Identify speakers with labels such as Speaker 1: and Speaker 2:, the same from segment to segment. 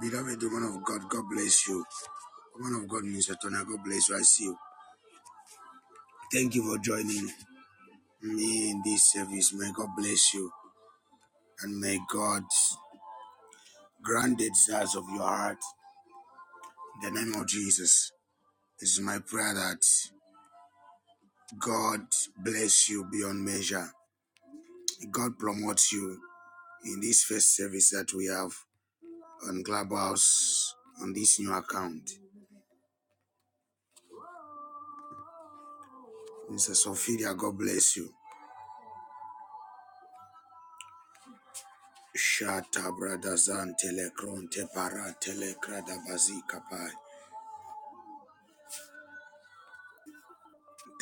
Speaker 1: Beloved woman of God, God bless you. Woman of God, Mr. Tona, God bless you. I see you. Thank you for joining me in this service. May God bless you and may God grant the desires of your heart in the name of Jesus. This is my prayer that God bless you beyond measure. God promotes you in this first service that we have on Clubhouse on this new account. Mr. Sophia, God bless you. Shata brada zante le kronte parate le krada bazika pai.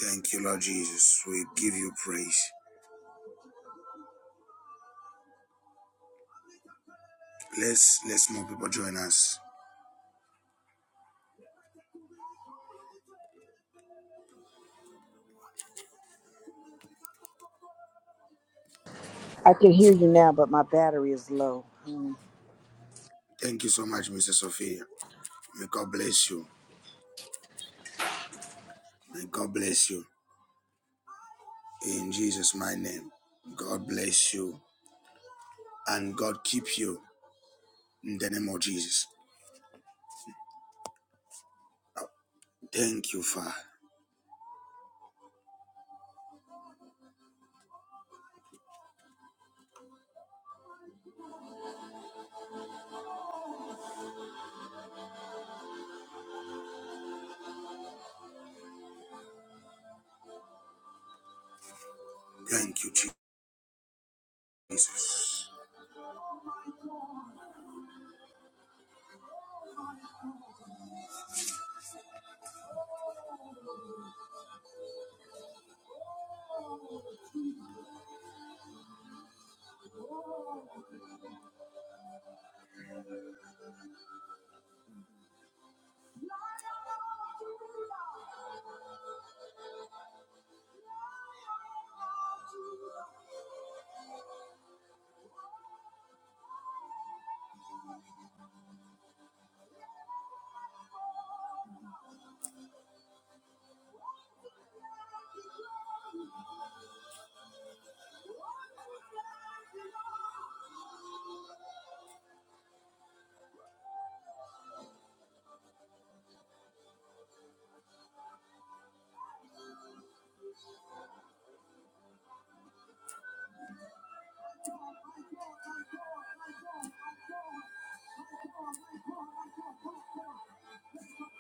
Speaker 1: Thank you, Lord Jesus. We give you praise. Let's let more people join us.
Speaker 2: I can hear you now, but my battery is low. Mm.
Speaker 1: Thank you so much, Mr. Sophia. May God bless you. May God bless you. In Jesus' my name. God bless you. And God keep you in the name of Jesus. Thank you, Father. Thank you, Jesus.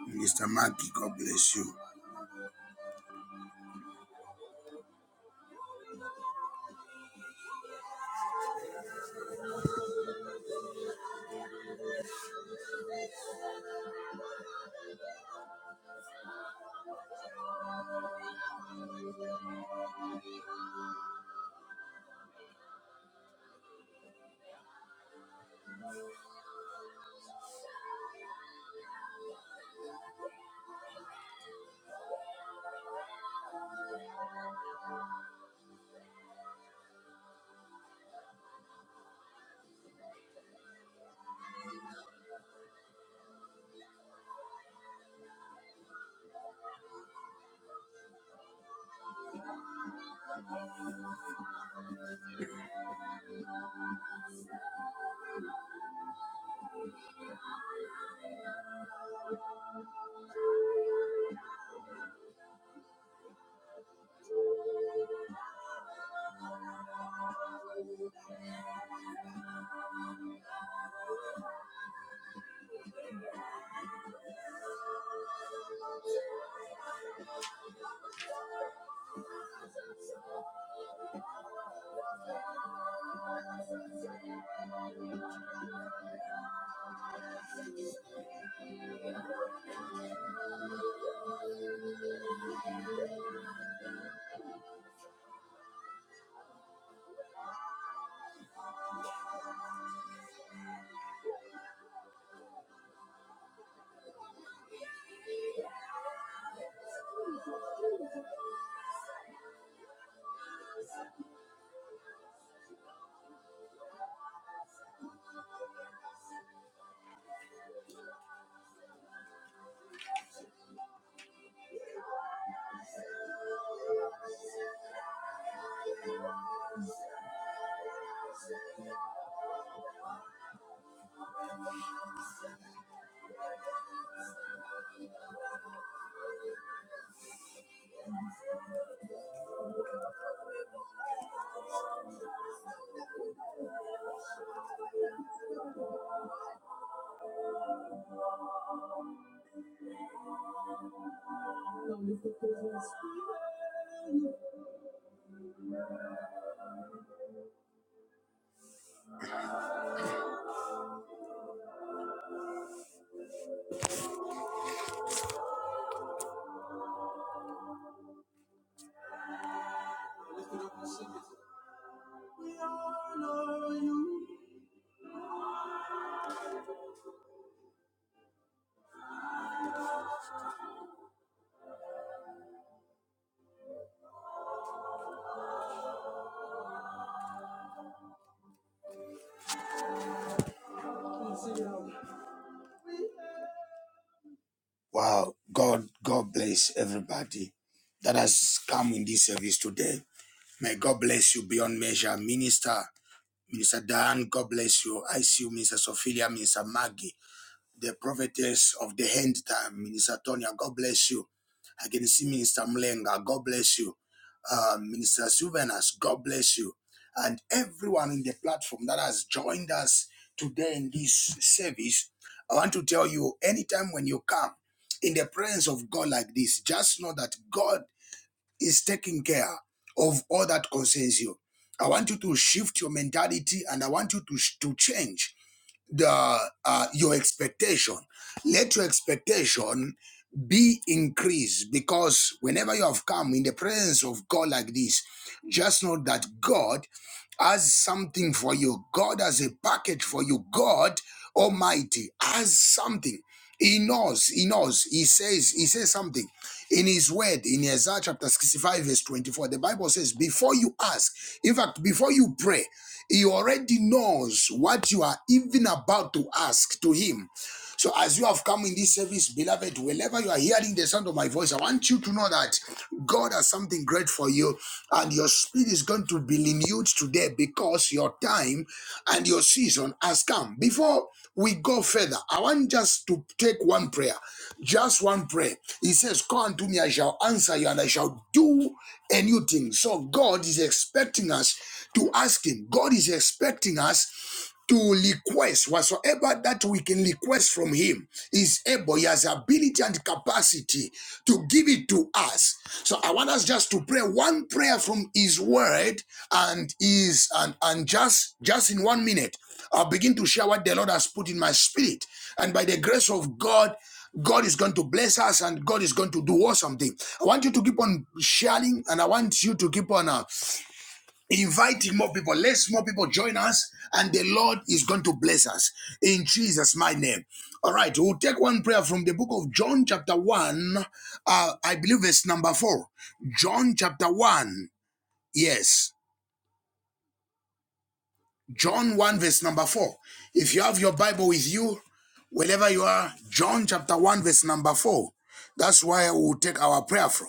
Speaker 1: Mr. Maggie, God bless you. Wow, God, God bless everybody that has come in this service today. May God bless you beyond measure, Minister, Minister Dan. God bless you. I see you, Minister Sophia, Minister Maggie the prophetess of the end time, Minister Tonya. God bless you. I can see Minister Mlenga. God bless you. Uh, Minister Sylvanus. God bless you. And everyone in the platform that has joined us today in this service, I want to tell you anytime when you come in the presence of God like this, just know that God is taking care of all that concerns you. I want you to shift your mentality and I want you to, to change the uh, your expectation. Let your expectation be increased because whenever you have come in the presence of God like this, just know that God has something for you. God has a package for you. God Almighty has something. He knows, he knows, he says, he says something in his word in Isaiah chapter 65, verse 24. The Bible says, Before you ask, in fact, before you pray, he already knows what you are even about to ask to him. So, as you have come in this service, beloved, wherever you are hearing the sound of my voice, I want you to know that God has something great for you, and your spirit is going to be renewed today because your time and your season has come. Before we go further, I want just to take one prayer, just one prayer. He says, Call unto me, I shall answer you, and I shall do a new thing. So, God is expecting us to ask Him. God is expecting us to request whatsoever that we can request from him is able he has ability and capacity to give it to us so i want us just to pray one prayer from his word and is and and just just in one minute i'll begin to share what the lord has put in my spirit and by the grace of god God is going to bless us and God is going to do awesome thing. I want you to keep on sharing and I want you to keep on. uh, inviting more people. Let more people join us, and the Lord is going to bless us in Jesus' my name. All right, we'll take one prayer from the book of John, chapter 1, uh, I believe it's number 4. John, chapter 1, yes, John 1, verse number 4. If you have your Bible with you, wherever you are, John, chapter 1, verse number 4. That's where we'll take our prayer from.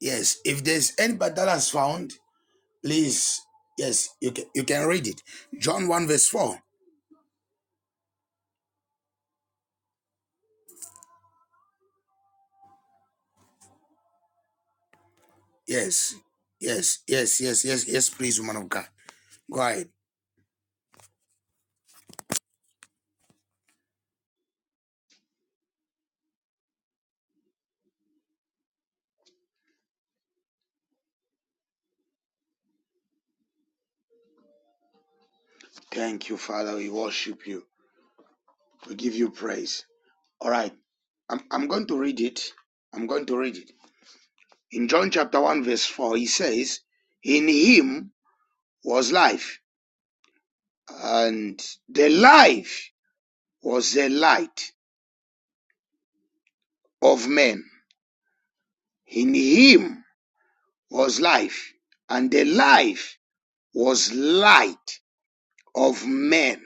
Speaker 1: Yes, if there's anybody that has found, Please, yes, you can you can read it. John 1 verse 4. Yes. Yes, yes, yes, yes, yes, please, woman of God. Go ahead. Thank you, Father. We worship you. We give you praise. All right. I'm, I'm going to read it. I'm going to read it. In John chapter 1, verse 4, he says, In him was life, and the life was the light of men. In him was life, and the life was light of men.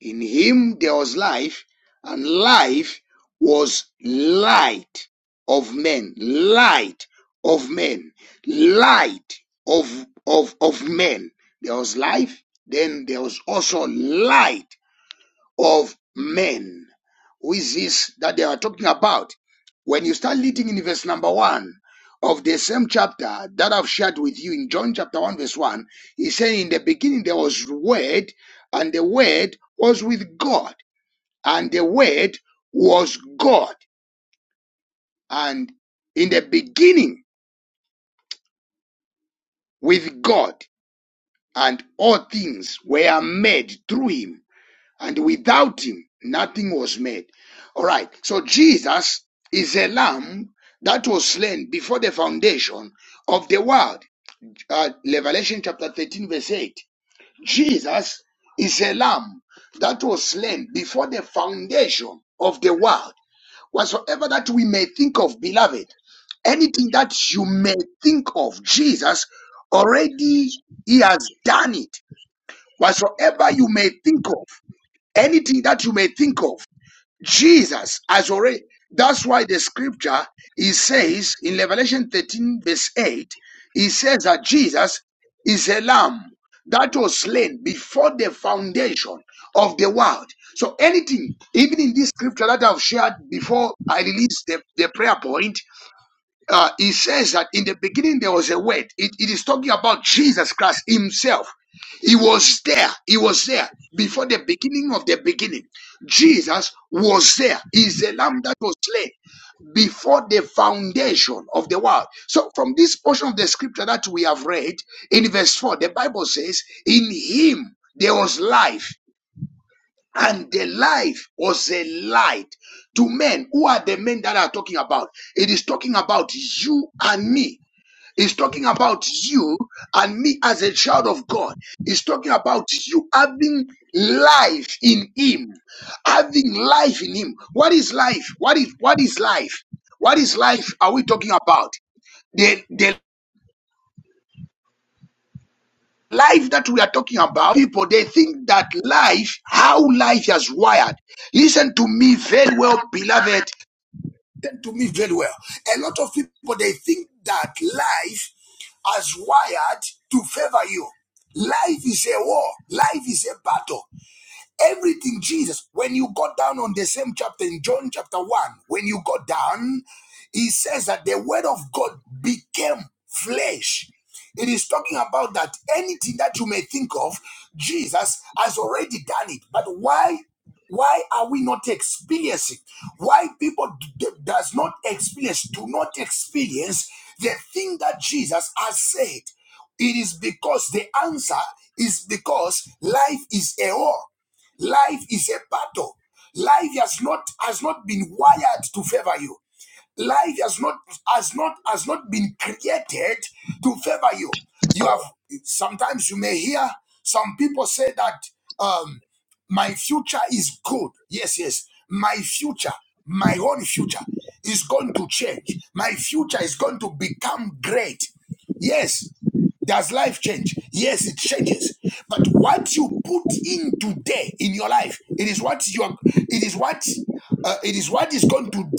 Speaker 1: In him there was life, and life was light of men, light of men, light of, of, of men. There was life, then there was also light of men. Who is this that they are talking about? When you start reading in verse number one of the same chapter that I've shared with you in John chapter 1, verse 1, he said, In the beginning there was word, and the word was with God, and the word was God, and in the beginning with God, and all things were made through him and without him nothing was made. All right. So Jesus is a lamb that was slain before the foundation of the world. Uh, Revelation chapter 13 verse 8. Jesus is a lamb that was slain before the foundation of the world. Whatsoever that we may think of, beloved, anything that you may think of, Jesus already he has done it. Whatsoever you may think of anything that you may think of, Jesus has already. That's why the scripture he says in Revelation 13, verse 8, he says that Jesus is a lamb that was slain before the foundation of the world. So anything, even in this scripture that I've shared before I release the, the prayer point, uh, he says that in the beginning there was a word. It, it is talking about Jesus Christ himself. He was there. He was there before the beginning of the beginning. Jesus was there. He's the lamb that was slain before the foundation of the world. So from this portion of the scripture that we have read in verse 4, the Bible says, in him there was life and the life was a light to men. Who are the men that are talking about? It is talking about you and me. It's talking about you and me as a child of God. It's talking about you having life in Him, having life in Him. What is life? What is what is life? What is life? Are we talking about? the the? life that we are talking about, people, they think that life, how life is wired. Listen to me very well, beloved. Listen to me very well. A lot of people, they think that life is wired to favor you. Life is a war. Life is a battle. Everything Jesus, when you got down on the same chapter in John chapter 1, when you got down, he says that the word of God became flesh. It is talking about that anything that you may think of, Jesus has already done it. But why why are we not experiencing why people d- does not experience do not experience the thing that jesus has said it is because the answer is because life is a whore Life is a battle. Life has not has not been wired to favor you. Life has not has not has not been created to favor you. You have sometimes you may hear some people say that um, my future is good. Yes, yes, my future, my own future is going to change. My future is going to become great. Yes, does life change? Yes, it changes. But what you put in today in your life, it is what you are, it is what uh, it is what is going to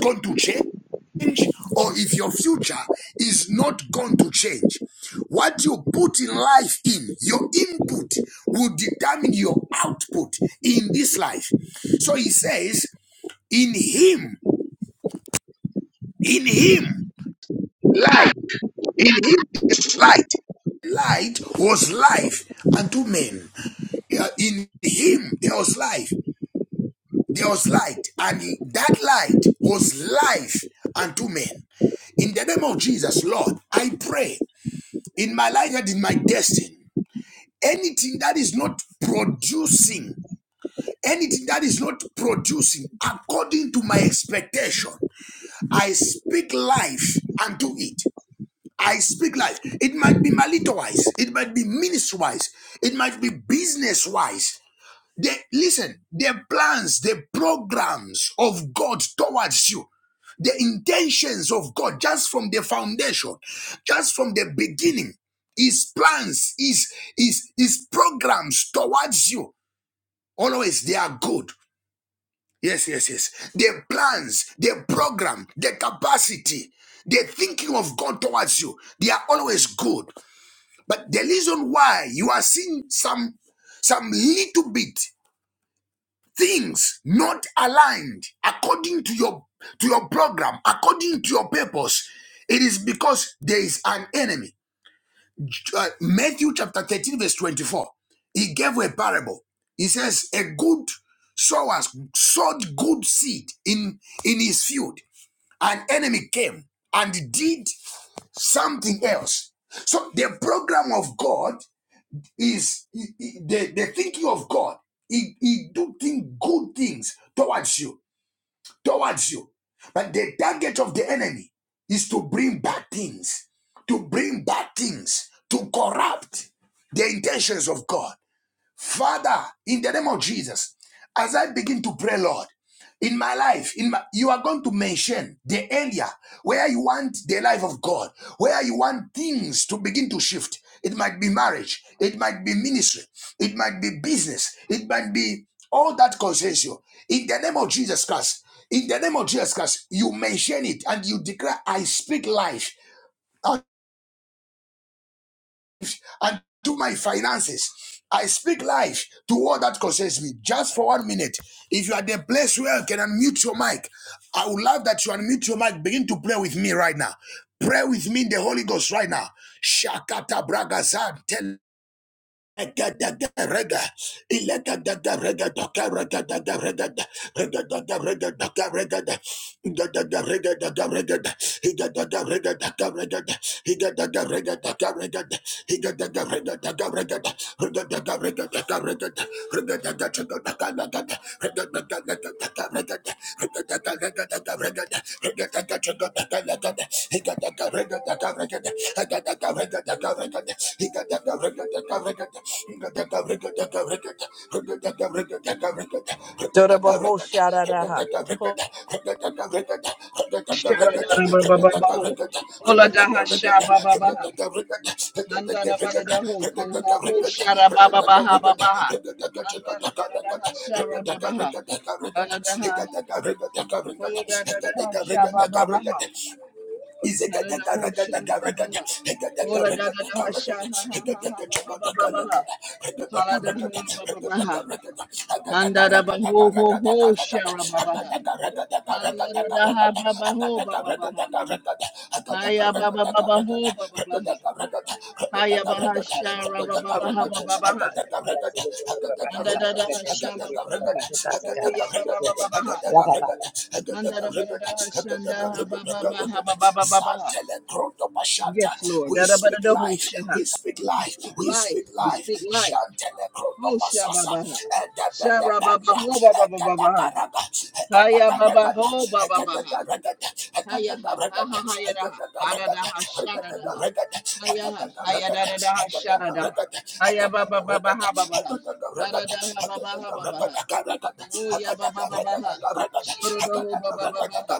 Speaker 1: going to change or if your future is not going to change. What you put in life in, your input will determine your output in this life. So he says, in him, in him, light, in him is light. Light was life unto men. Uh, in him there was life, there was light, and that light was life unto men. In the name of Jesus, Lord, I pray in my life and in my destiny, anything that is not producing, anything that is not producing according to my expectation, I speak life unto it. I speak life. It might be marital wise, it might be ministry wise, it might be business wise, the, listen, the plans, the programs of God towards you, the intentions of God just from the foundation, just from the beginning, His plans, His, His, His programs towards you, always they are good. Yes, yes, yes. The plans, the program, the capacity, the thinking of God towards you, they are always good. But the reason why you are seeing some some little bit things not aligned according to your to your program according to your purpose it is because there is an enemy Uh, matthew chapter 13 verse 24 he gave a parable he says a good sower sowed good seed in in his field an enemy came and did something else so the program of god is he- he- the, the thinking of God. He, he do think good things towards you, towards you. But the target of the enemy is to bring bad things, to bring bad things, to corrupt the intentions of God. Father, in the name of Jesus, as I begin to pray, Lord, in my life, in my, you are going to mention the area where you want the life of God, where you want things to begin to shift. It might be marriage, it might be ministry, it might be business, it might be all that concerns you. In the name of Jesus Christ, in the name of Jesus Christ, you mention it and you declare, I speak life and to my finances. I speak life to all that concerns me. Just for one minute, if you are the place where you can unmute your mic, I would love that you unmute your mic. Begin to pray with me right now. Pray with me in the Holy Ghost right now. Shakata bragazan Egadagarega, ilegadagarega, dokaregadagarega, regadagarega, dokarega, igadagarega, dokarega, igadagarega, dokarega, igadagarega, dokarega, igadagarega, dokarega, regadagarega, dokarega, regadagarega, he got
Speaker 2: Dodobaho sharadaha. Ho- Shadadadabababo. Oladaha shabababaha. Mandadabadadaho. Kohoho sharabababahababaha. Mandadabadadaha sharababaha. Dadadaha. Hodadadaha shabababaha. Dadadaho shabababaha. Hodadadaha shahahahahabababaha. Haladaha bababaha. Handaraba ho ho ho shara baba ha. Halada da ha baba ho baba baha. Haya baba baba ho baba baha. Haya baha
Speaker 3: Thank
Speaker 2: shara baba baha baba baha. Handada da ha shara baba ho. Ho ya baba baba baha. Handaraba da ha shanda ha baba
Speaker 1: I got you.
Speaker 2: baha baba baba baha.
Speaker 1: Zantele Krondo Bashanta.
Speaker 2: Yes, Lord.
Speaker 1: We
Speaker 2: Da da ba da
Speaker 1: speak
Speaker 2: da ho
Speaker 1: life.
Speaker 2: shaha.
Speaker 1: We speak
Speaker 2: We
Speaker 1: life.
Speaker 2: speak
Speaker 1: We
Speaker 2: life.
Speaker 1: speak
Speaker 2: We
Speaker 1: life.
Speaker 2: speak life.
Speaker 1: Shantele Krondo
Speaker 2: Ho shaba
Speaker 1: Basasa.
Speaker 2: baha. Shara baba
Speaker 1: Edebedebenda.
Speaker 2: ho baba baba baha.
Speaker 1: Egadagarada.
Speaker 2: Haya baba
Speaker 1: Egadagarada.
Speaker 2: ho baba baha.
Speaker 1: Egadagarada.
Speaker 2: Hayaha,
Speaker 1: Egadagarada.
Speaker 2: haha,
Speaker 1: Egadagarada.
Speaker 2: hayadaha,
Speaker 1: Egadagarada.
Speaker 2: hadadaha, sharadaha.
Speaker 1: Egadagarada.
Speaker 2: Hayaha,
Speaker 1: Egadagarada.
Speaker 2: hayadadadaha, sharadaha. Hayabababaha,
Speaker 1: Egadagarada.
Speaker 2: babaha. Hadadaha, babaha, babaha. Oya, babababaha. Sharadaho, babababaha.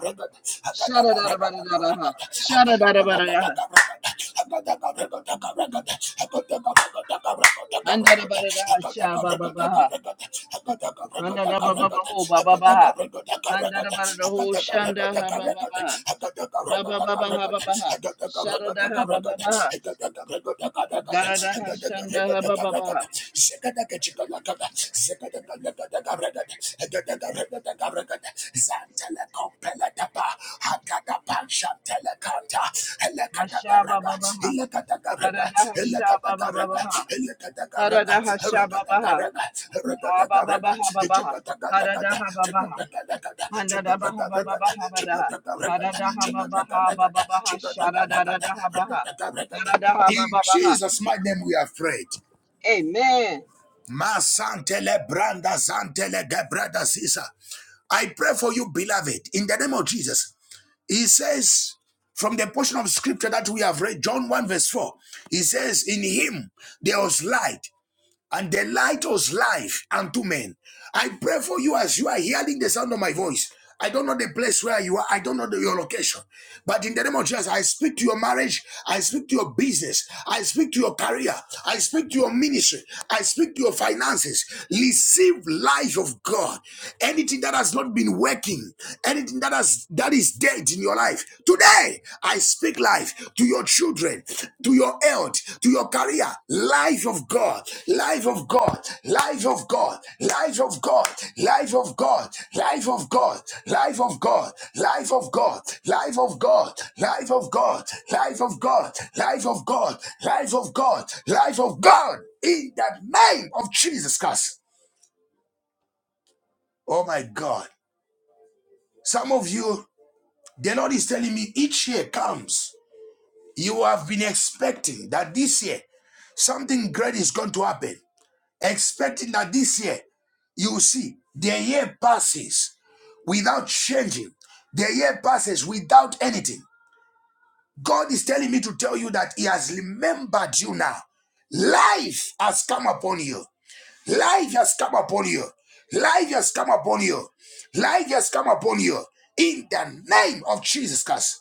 Speaker 2: Sharadadabadadaha. Sharadadabadaha. Andadabadadaha, shabababaha. Mandadabababaho, bababaha. Andadabadadaho, shandaha, bababaha. Habababaha, babaha. Sharadaha, bababaha. Daradaha Shandara Babaha.
Speaker 1: Shakata Zantele compele dapa, hakada pansantele canta,
Speaker 2: Mashaba
Speaker 1: elekadagarega,
Speaker 2: Babaha.
Speaker 1: ilekadagarega,
Speaker 2: Haradaha Shaba
Speaker 1: ilekadagarega,
Speaker 2: Babaha.
Speaker 1: ilekadagarega,
Speaker 2: Haradaha Shaba Babaha.
Speaker 1: erekadagarega,
Speaker 2: Haba
Speaker 1: erekadagarega,
Speaker 2: Babaha Babaha.
Speaker 1: ichikadagarega,
Speaker 2: Haradaha Babaha.
Speaker 1: chikadagarega,
Speaker 2: Handadabaha
Speaker 1: chikadagarega,
Speaker 2: Babaha Badaha.
Speaker 1: chikadagarega,
Speaker 2: Haradaha Babaha
Speaker 1: chikadagarega,
Speaker 2: Babaha.
Speaker 1: chikadagarega,
Speaker 2: Sharadadaha Baha.
Speaker 1: rekadagarega.
Speaker 2: Haradaha
Speaker 1: In
Speaker 2: Babaha.
Speaker 1: Jesus' mighty name we are afraid.
Speaker 2: Amen.
Speaker 1: Masantele branda zantele gebrada sisa. I pray for you, beloved, in the name of Jesus. He says, from the portion of scripture that we have read, John 1, verse 4, he says, In him there was light, and the light was life unto men. I pray for you as you are hearing the sound of my voice. I don't know the place where you are. I don't know the- your location. But in the name of Jesus, I speak to your marriage. I speak to your business. I speak to your career. I speak to your ministry. I speak to your finances. Receive life of God. Anything that has not been working, anything that has that is dead in your life, Today, I speak life to your children, to your health, to your career. Life of God, life of God, life of God, life of God, life of God, life of God, life of God, life of God, life of God, life of God, life of God, life of God, life of God, life of God, in the name of Jesus Christ. Oh my God. Some of you, the Lord is telling me each year comes. You have been expecting that this year something great is going to happen, expecting that this year you will see the year passes without changing, the year passes without anything. God is telling me to tell you that He has remembered you now. Life has come upon you. Life has come upon you. Life has come upon you. Life has come upon you. In the name of Jesus Christ.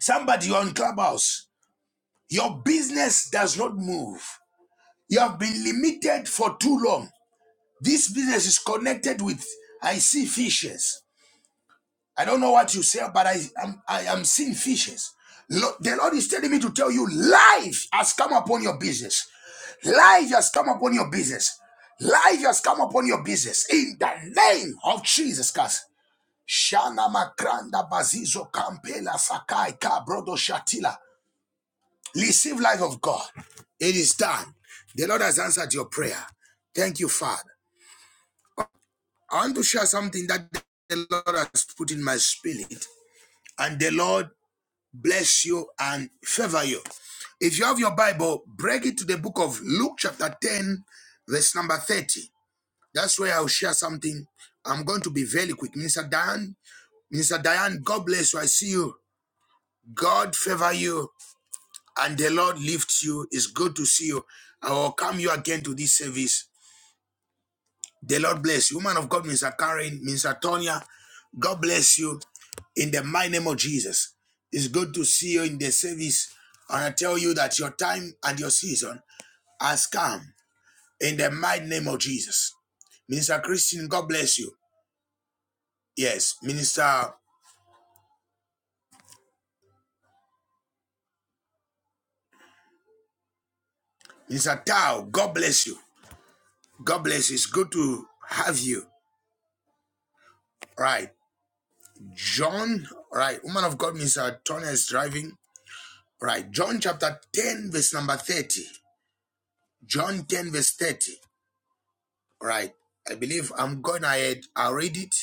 Speaker 1: Somebody, on Clubhouse. Your business does not move. You have been limited for too long. This business is connected with, I see fishes. I don't know what you say, but I am, I am seeing fishes. Lo- The Lord is telling me to tell you, life has come upon your business. Life has come upon your business. Life has come upon your business. In the name of Jesus Christ. Shana makranda bazizo kampela sakai kabrodo shatila. Receive life of God. It is done. The Lord has answered your prayer. Thank you, Father. I want to share something that the Lord has put in my spirit. And the Lord bless you and favor you. If you have your Bible, break it to the book of Luke, chapter 10, verse number 30. That's where I'll share something. I'm going to be very quick. Minister Diane, Minister Diane, God bless you. I see you. God favor you. and the Lord lifts you. It's good to see you. I welcome you again to this service. The Lord bless you. Woman of God, Minister Karen, Minister Tonya, God bless you in the mighty name of Jesus. It's good to see you in the service. And I tell you that your time and your season has come in the mighty name of Jesus. Minister Christian, God bless you. Yes, Minister Minister Tao, God bless you. God bless you. It's good to have you. Right. John, all right, woman of God, Miss Antonia is driving. All right, John chapter 10, verse number 30. John 10, verse 30. All right, I believe I'm going ahead. I'll read it.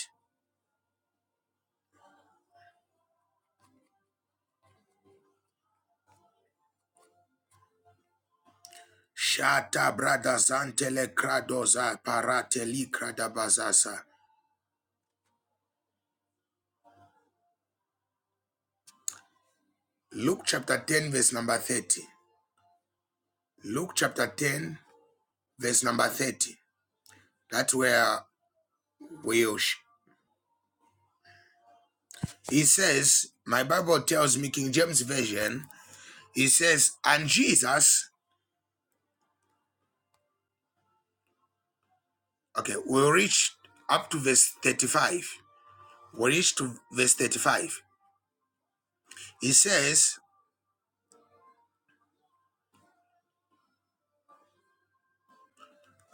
Speaker 1: Shata brothers zantele kradoza parateli kradabazasa. Luke chapter 10, verse number 30. Luke chapter 10, verse number 30. That's where we sh- He says, my Bible tells me, King James Version, he says, and Jesus Okay, we'll reach up to verse 35. We reach to verse 35. He says,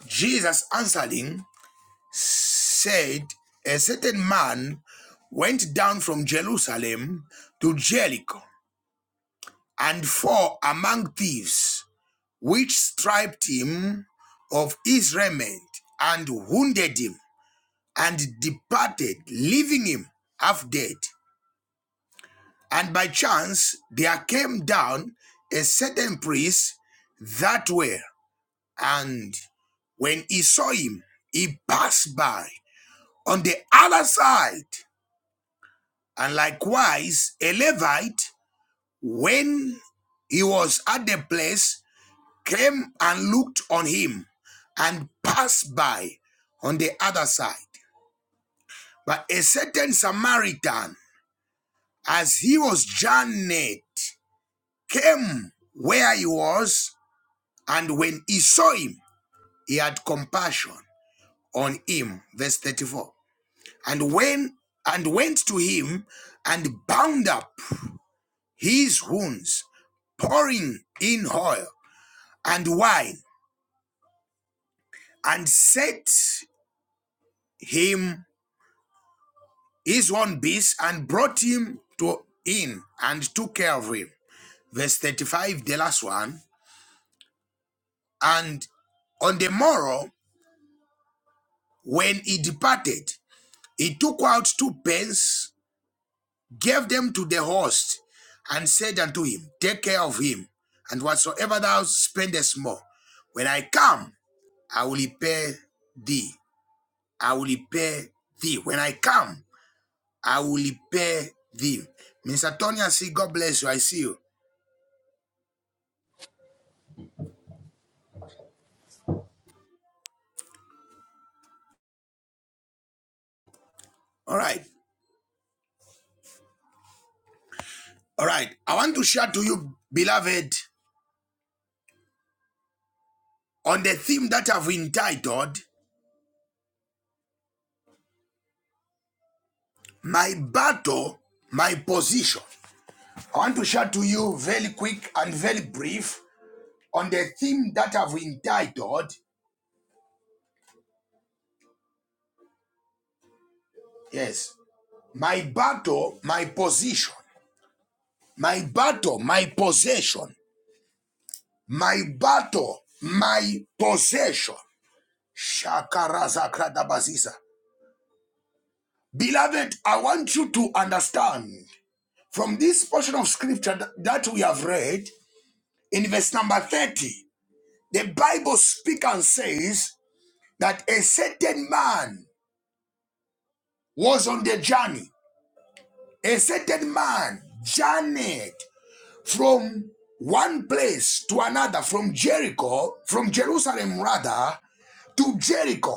Speaker 1: Jesus answering said, A certain man went down from Jerusalem to Jericho and fell among thieves, which stripped him of his raiment and wounded him and departed, leaving him half dead. And by chance, there came down a certain priest that way, and when he saw him, he passed by on the other side. And likewise, a Levite, when he was at the place, came and looked on him and passed by on the other side. But a certain Samaritan, as he was journeyed, came where he was And when he saw him, he had compassion on him. Verse 34. And when and went to him and bound up his wounds, pouring in oil and wine, and set him his own beast and brought him to in and took care of him. Verse 35, the last one. And on the morrow, when he departed, he took out two pence gave them to the host, and said unto him, Take care of him, and whatsoever thou spendest more, when I come, I will repay thee. I will repay thee. When I come, I will repay thee. Mr. Tony, I see. God bless you. I see you. All right. All right. I want to share to you, beloved, on the theme that I've entitled My Battle, My Position. I want to share to you very quick and very brief on the theme that I've entitled, yes, my battle, my position, my battle, my possession, my battle, my possession. Shakarazakradabazisa. Beloved, I want you to understand from this portion of scripture that we have read in verse number 30, the Bible speaks and says that a certain man was on the journey. A certain man journeyed from one place to another, from Jericho, from Jerusalem rather, to Jericho.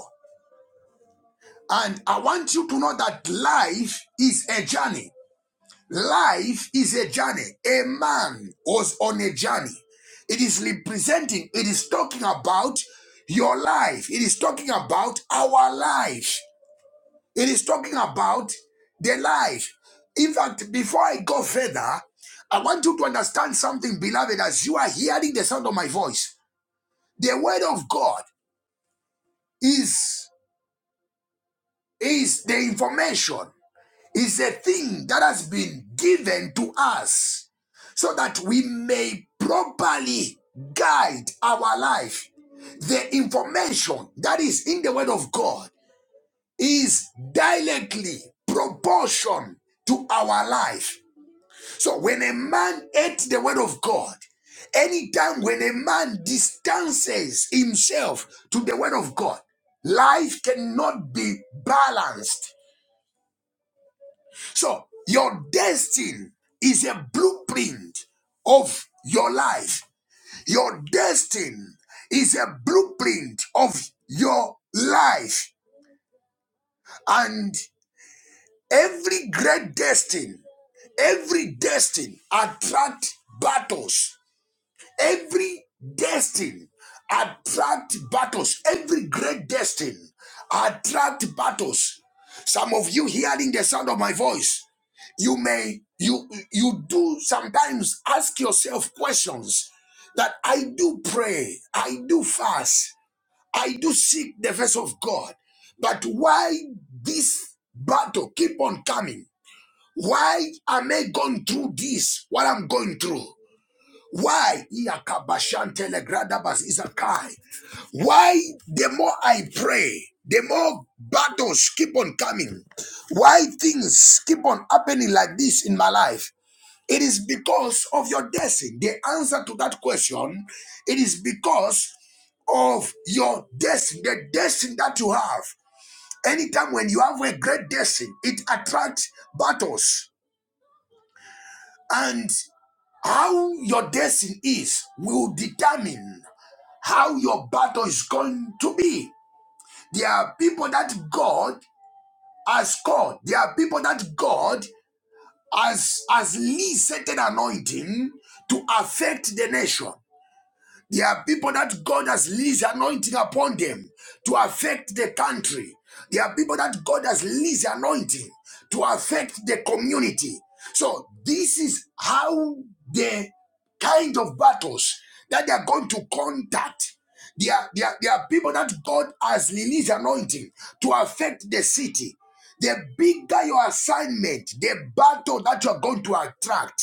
Speaker 1: And I want you to know that life is a journey. Life is a journey. A man was on a journey. It is representing, it is talking about your life. It is talking about our life. It is talking about their life. In fact, before I go further, I want you to understand something, beloved, as you are hearing the sound of my voice. The word of God is, is the information, is a thing that has been given to us so that we may properly guide our life. The information that is in the word of God is directly proportion to our life. So when a man ate the word of God, anytime when a man distances himself to the word of God, life cannot be balanced. So your destiny is a blueprint of your life. Your destiny is a blueprint of your life. And every great destiny, every destiny attract battles Every destiny attract battles. Every great destiny attract battles. Some of you hearing the sound of my voice, you may you you do sometimes ask yourself questions that I do pray, I do fast, I do seek the face of God, but why this battle keep on coming? Why am I going through this? What I'm going through? Why? Iakabashantelegradaba's Isakai. Why the more I pray, the more battles keep on coming? Why things keep on happening like this in my life? It is because of your destiny. The answer to that question, it is because of your destiny, the destiny that you have. Anytime when you have a great destiny, it attracts battles. And how your destiny is will determine how your battle is going to be. There are people that God has called. There are people that God has has least certain anointing to affect the nation. There are people that God has leased anointing upon them to affect the country. There are people that God has leased anointing to affect the community. So this is how the kind of battles that they are going to contact. There are, there, are, there are people that God has released anointing to affect the city. The bigger your assignment, the battle that you are going to attract.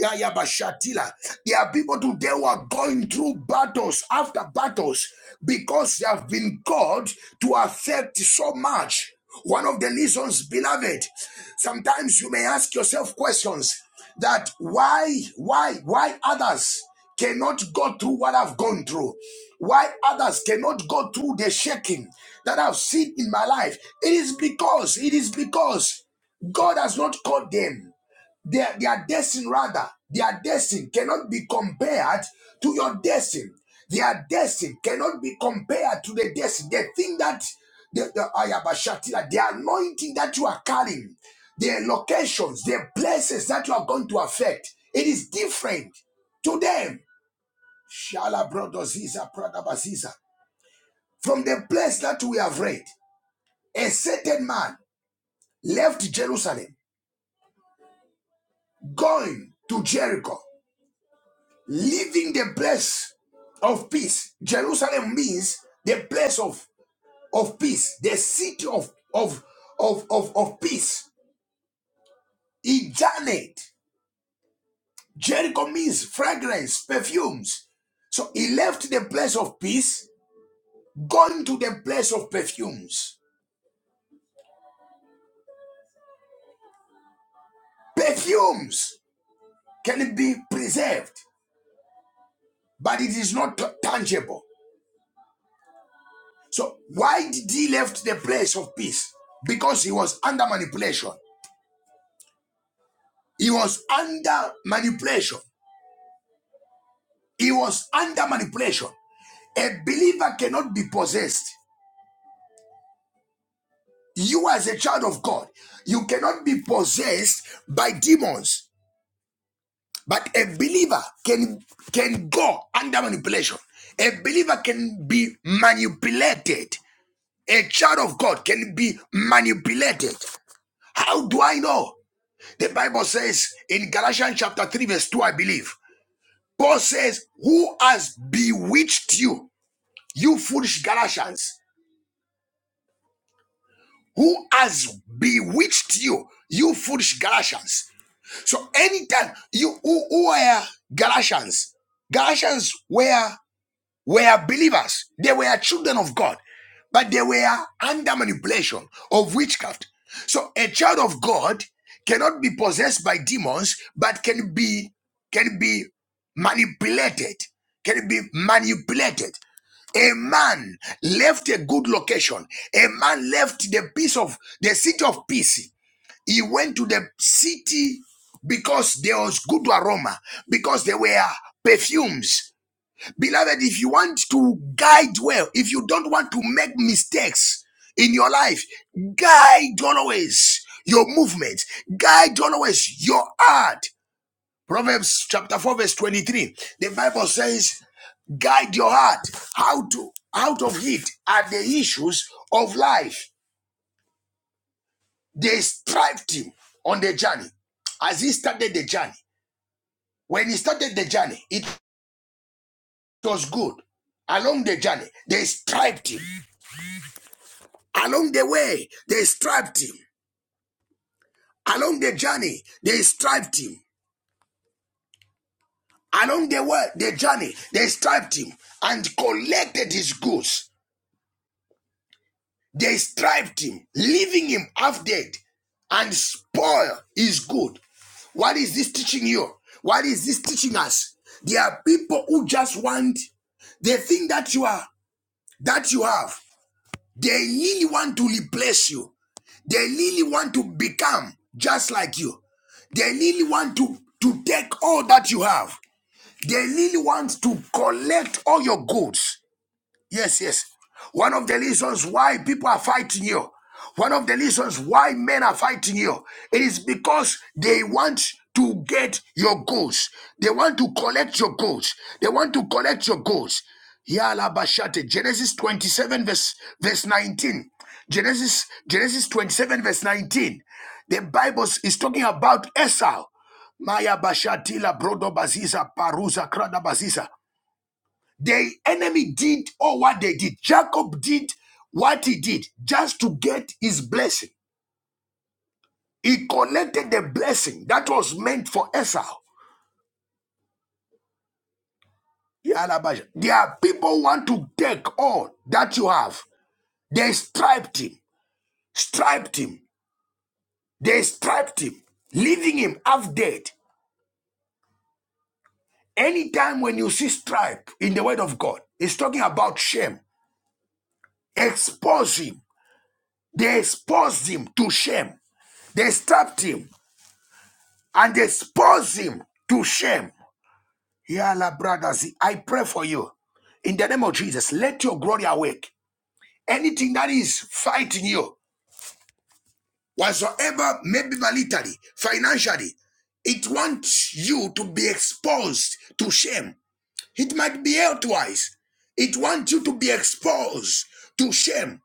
Speaker 1: Yayabashatila. There are people today who are going through battles after battles because they have been called to affect so much. One of the reasons, beloved, sometimes you may ask yourself questions that why, why, why others cannot go through what I've gone through, why others cannot go through the shaking that I've seen in my life. It is because, it is because God has not called them. Their, their destiny, rather, their destiny cannot be compared to your destiny. Their destiny cannot be compared to the destiny. The thing that the, the, Ayabashatila, the anointing that you are carrying, the locations, the places that you are going to affect, it is different to them. Shala Brodoziza Pradabaziza. From the place that we have read, a certain man left Jerusalem, going to Jericho. leaving the place of peace. Jerusalem means the place of, of peace, the city of, of, of, of, of peace. He journeyed. Jericho means fragrance, perfumes. So he left the place of peace, going to the place of perfumes. Perfumes can be preserved, but it is not t- tangible. So why did he left the place of peace? Because he was under manipulation. He was under manipulation. He was under manipulation. A believer cannot be possessed. You, as a child of God, you cannot be possessed by demons. But a believer can can go under manipulation. A believer can be manipulated. A child of God can be manipulated. How do I know? The Bible says in Galatians chapter 3, verse 2, I believe, Paul says, Who has bewitched you? You foolish Galatians, who has bewitched you? You foolish Galatians. So anytime you who, who were Galatians, Galatians were were believers. They were children of God, but they were under manipulation of witchcraft. So a child of God cannot be possessed by demons, but can be can be manipulated. Can be manipulated. A man left a good location. A man left the peace of the city of peace. He went to the city because there was good aroma, because there were perfumes. Beloved, if you want to guide well, if you don't want to make mistakes in your life, guide always your movements, guide always your art. Proverbs chapter 4, verse 23. The Bible says, guide your heart how to out of it are the issues of life they strived him on the journey as he started the journey when he started the journey it was good along the journey they strived him along the way they strived him along the journey they strived him along the way the journey they strived him and collected his goods They striped him, leaving him half dead, and spoil is good. What is this teaching you? What is this teaching us? There are people who just want the thing that you are, that you have. They really want to replace you. They really want to become just like you. They really want to, to take all that you have. They really want to collect all your goods. Yes, yes. One of the reasons why people are fighting you, one of the reasons why men are fighting you, it is because they want to get your goals. They want to collect your goals. They want to collect your goals. Yala Genesis 27, verse, verse 19. Genesis, Genesis 27, verse 19. The Bible is talking about Esau. Maya Bashatila Brodo Baziza Paruza Krada Baziza. The enemy did all what they did. Jacob did what he did just to get his blessing. He connected the blessing that was meant for Esau. Yalabaja. There are people who want to take all that you have. They striped him, striped him, they striped him, leaving him half dead. Anytime when you see stripe in the word of God, it's talking about shame. Expose him. They exposed him to shame. They strapped him. and expose him to shame. Yala, brothers, I pray for you. In the name of Jesus, let your glory awake. Anything that is fighting you, whatsoever, maybe militarily, financially, it wants you to be exposed to shame. It might be health-wise. It wants you to be exposed to shame.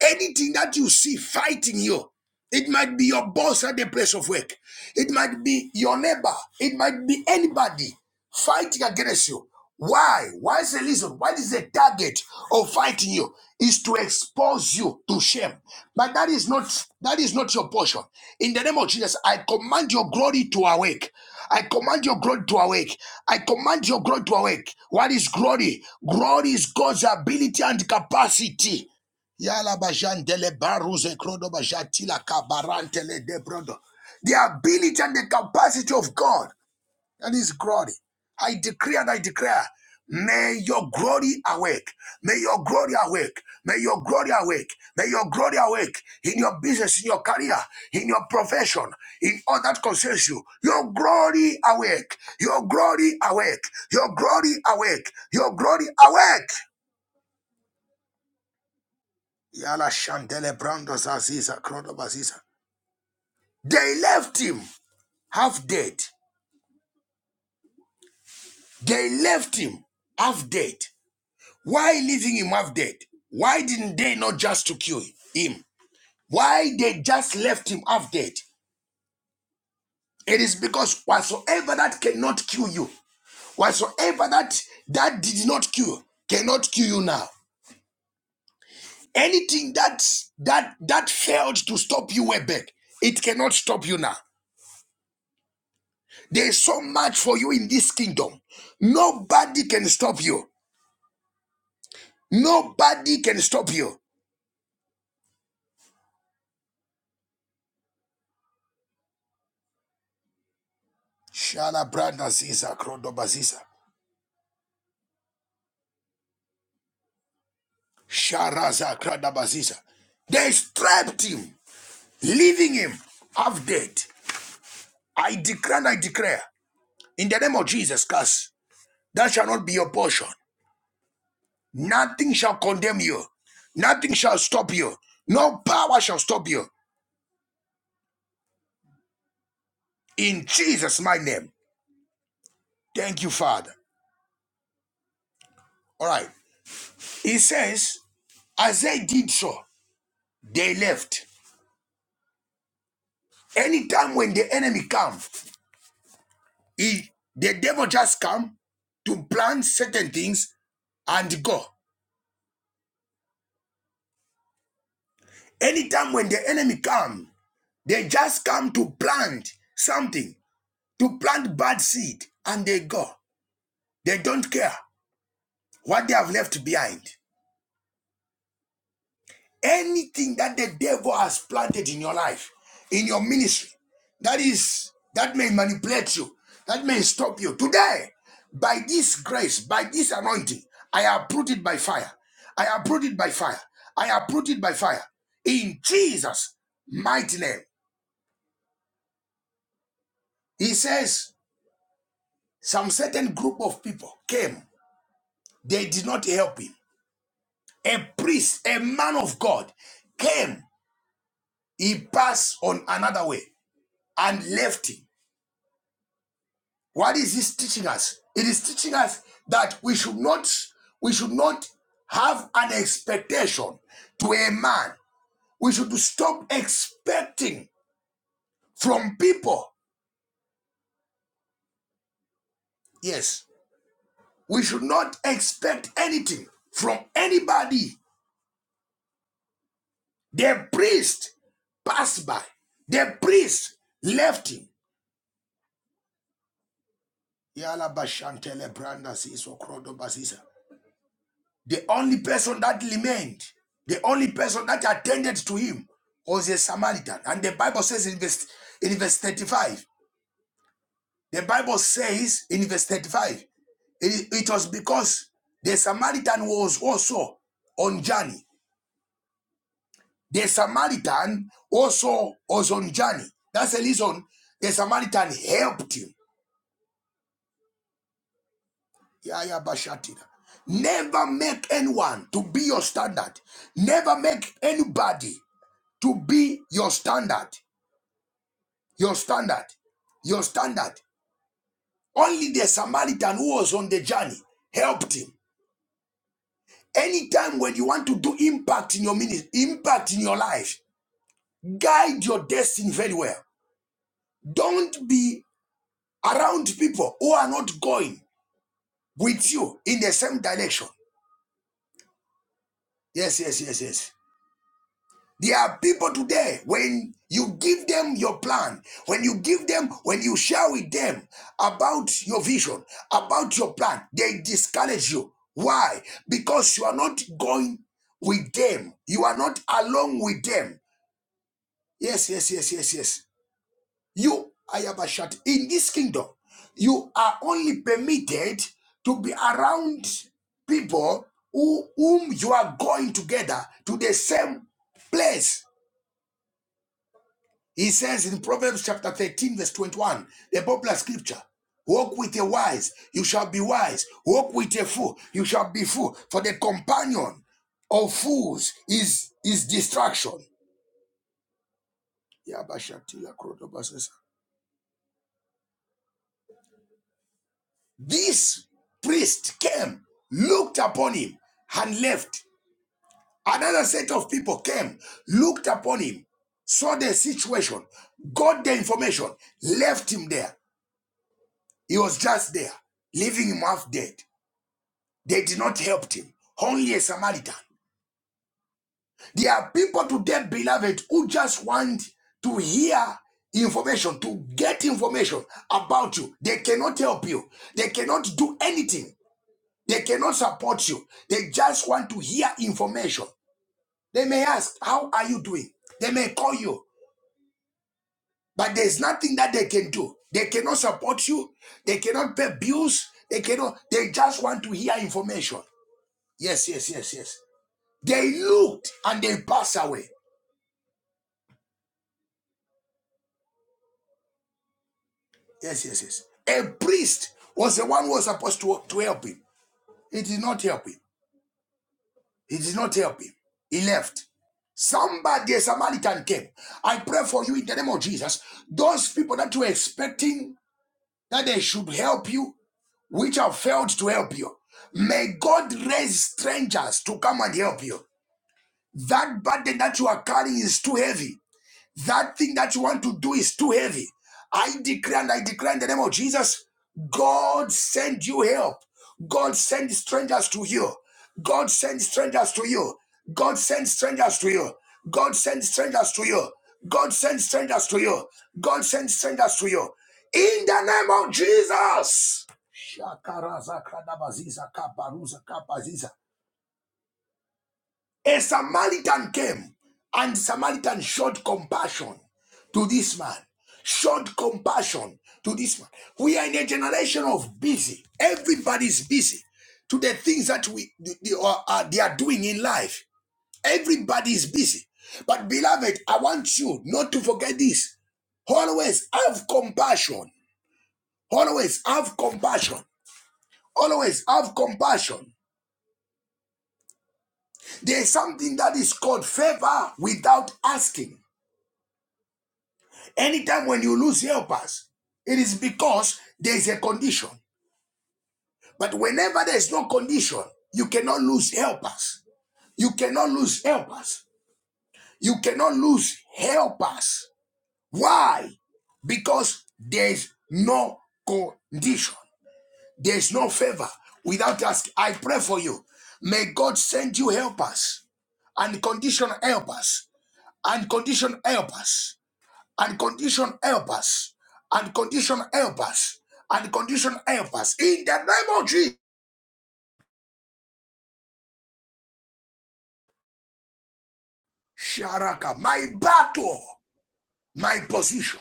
Speaker 1: Anything that you see fighting you, it might be your boss at the place of work, it might be your neighbor, it might be anybody fighting against you. Why? What is the reason? What is the target of fighting you? Is to expose you to shame. But that is not that is not your portion. In the name of Jesus, I command your glory to awake. I command your glory to awake. I command your glory to awake. What is glory? Glory is God's ability and capacity Yala bajandele baruze krodo bajatila kabarantele de brodo. The ability and the capacity of God and His glory. I decree and I declare, may your glory awake. May your glory awake. May your glory awake. May your glory awake in your business, in your career, in your profession, in all that concerns you. Your glory awake. Your glory awake. Your glory awake. Your glory awake. Yala Shandele Brandos Aziza Krodobaziza. They left him half dead. They left him half dead. Why leaving him half dead? Why didn't they not just to kill him? Why they just left him half dead? It is because whatsoever that cannot kill you, whatsoever that that did not kill, cannot kill you now. Anything that that that failed to stop you way back, it cannot stop you now. There's so much for you in this kingdom. Nobody can stop you. Nobody can stop you. Shala branda ziza krodoba ziza. Sharaza kradaba ziza. They strapped him, leaving him half dead. I declare and I declare in the name of Jesus Christ, that shall not be your portion. Nothing shall condemn you. Nothing shall stop you. No power shall stop you. In Jesus' my name. Thank you, Father. All right. He says, as they did so, they left. Anytime when the enemy come, he, the devil just come to plant certain things and go. Anytime when the enemy come, they just come to plant something, to plant bad seed and they go. They don't care what they have left behind. anything that the devil has planted in your life, in your ministry, that is that may manipulate you, that may stop you. Today, by this grace, by this anointing, I uproot it by fire. I uproot it by fire. I uproot it by fire. In Jesus' mighty name, He says, some certain group of people came. They did not help him. A priest, a man of God, came. He passed on another way and left him. What is this teaching us? It is teaching us that we should not we should not have an expectation to a man. We should stop expecting from people. Yes, we should not expect anything from anybody. The priest passed by. The priest left him. The only person that remained, the only person that attended to him was a Samaritan. And the Bible says in verse, in verse 35, the Bible says in verse 35, it, it was because the Samaritan was also on journey. The Samaritan also was on journey. That's the reason the Samaritan helped him. Never make anyone to be your standard. Never make anybody to be your standard, your standard, your standard. Only the Samaritan who was on the journey helped him. Anytime when you want to do impact in your ministry, impact in your life, guide your destiny very well. Don't be around people who are not going with you in the same direction. Yes, yes, yes, yes. There are people today, when you give them your plan, when you give them, when you share with them about your vision, about your plan, they discourage you. Why? Because you are not going with them. You are not along with them. Yes, yes, yes, yes, yes. You, Ayabashat, in this kingdom, you are only permitted to be around people who, whom you are going together to the same place. He says in Proverbs chapter 13, verse 21, the popular scripture, walk with a wise, you shall be wise. Walk with a fool, you shall be fool. For the companion of fools is, is distraction. This priest came, looked upon him, and left. Another set of people came, looked upon him, saw the situation, got the information, left him there. He was just there, leaving him half dead. They did not help him. Only a Samaritan. There are people today, beloved, who just want to hear information, to get information about you. They cannot help you. They cannot do anything. They cannot support you. They just want to hear information. They may ask, How are you doing? They may call you, but there's nothing that they can do. They cannot support you. They cannot pay bills. They cannot, they just want to hear information. Yes, yes, yes, yes. They looked and they passed away. Yes, yes, yes. A priest was the one who was supposed to, to help him. He did not help him. He did not help him. He left. Somebody, a Samaritan came. I pray for you in the name of Jesus. Those people that you were expecting that they should help you, which have failed to help you, may God raise strangers to come and help you. That burden that you are carrying is too heavy. That thing that you want to do is too heavy. I declare and I declare in the name of Jesus, God send you help. God send strangers to you. God send strangers to you. God send strangers to you. God send strangers to you. God send strangers to you. God send strangers to you. In the name of Jesus. Shakaraza kadabaziza kabaruza kabaziza. A Samaritan came and Samaritan showed compassion to this man. Showed compassion to this man. We are in a generation of busy. Everybody's busy to the things that we they are, are- they are doing in life. Everybody is busy. But beloved, I want you not to forget this. Always have compassion. Always have compassion. Always have compassion. There is something that is called favor without asking Anytime when you lose helpers, it is because there is a condition. But whenever there is no condition, you cannot lose helpers. You cannot lose helpers. You cannot lose helpers. Why? Because there is no condition. There is no favor without asking. I pray for you. May God send you helpers. Unconditional helpers. Unconditional helpers. and condition help us and condition help us and condition help us in the name of jesus sharaka my battle my position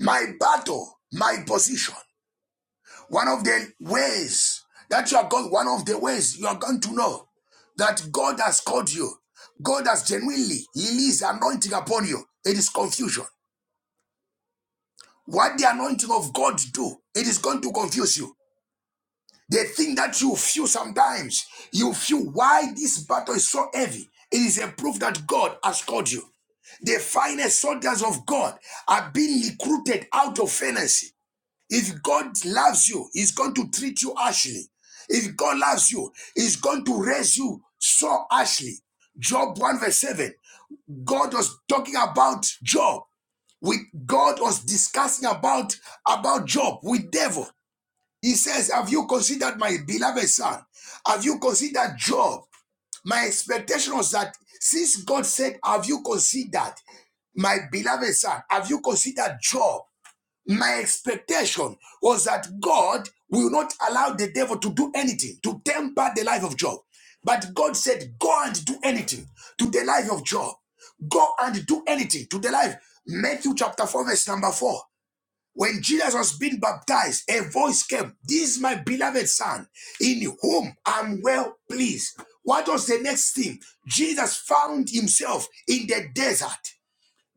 Speaker 1: my battle my position one of the ways that you are going one of the ways you are going to know that god has called you god has genuinely released anointing upon you it is confusion what the anointing of god do it is going to confuse you The thing that you feel sometimes, you feel why this battle is so heavy. It is a proof that God has called you. The finest soldiers of God are being recruited out of fantasy. If God loves you, He's going to treat you harshly. If God loves you, He's going to raise you so harshly. Job 1 verse 7. God was talking about Job. With God was discussing about about Job with devil. He says, Have you considered my beloved son? Have you considered Job? My expectation was that since God said, Have you considered my beloved son? Have you considered Job? My expectation was that God will not allow the devil to do anything to temper the life of Job. But God said, Go and do anything to the life of Job. Go and do anything to the life. Matthew chapter 4, verse number 4. When Jesus was being baptized, a voice came, This is my beloved son, in whom I'm well pleased. What was the next thing? Jesus found himself in the desert.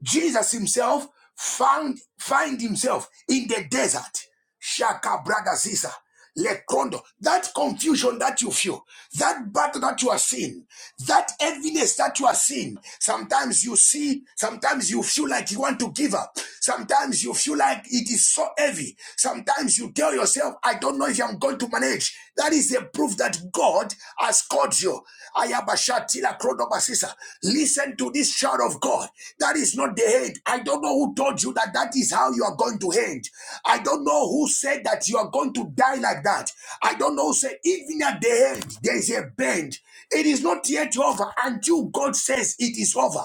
Speaker 1: Jesus himself found find himself in the desert. Shaka bragaziza. Lekondo, that confusion that you feel, that battle that you are seeing, that heaviness that you are seeing, sometimes you see, sometimes you feel like you want to give up, sometimes you feel like it is so heavy, sometimes you tell yourself, I don't know if I'm going to manage. That is is a proof that God has called you. Ayabashatila Krodobasisa. Listen to this shout of God. That is not the end. I don't know who told you that that is how you are going to end. I don't know who said that you are going to die like that. I don't know who said, even at the end, there is a bend. It is not yet over until God says it is over.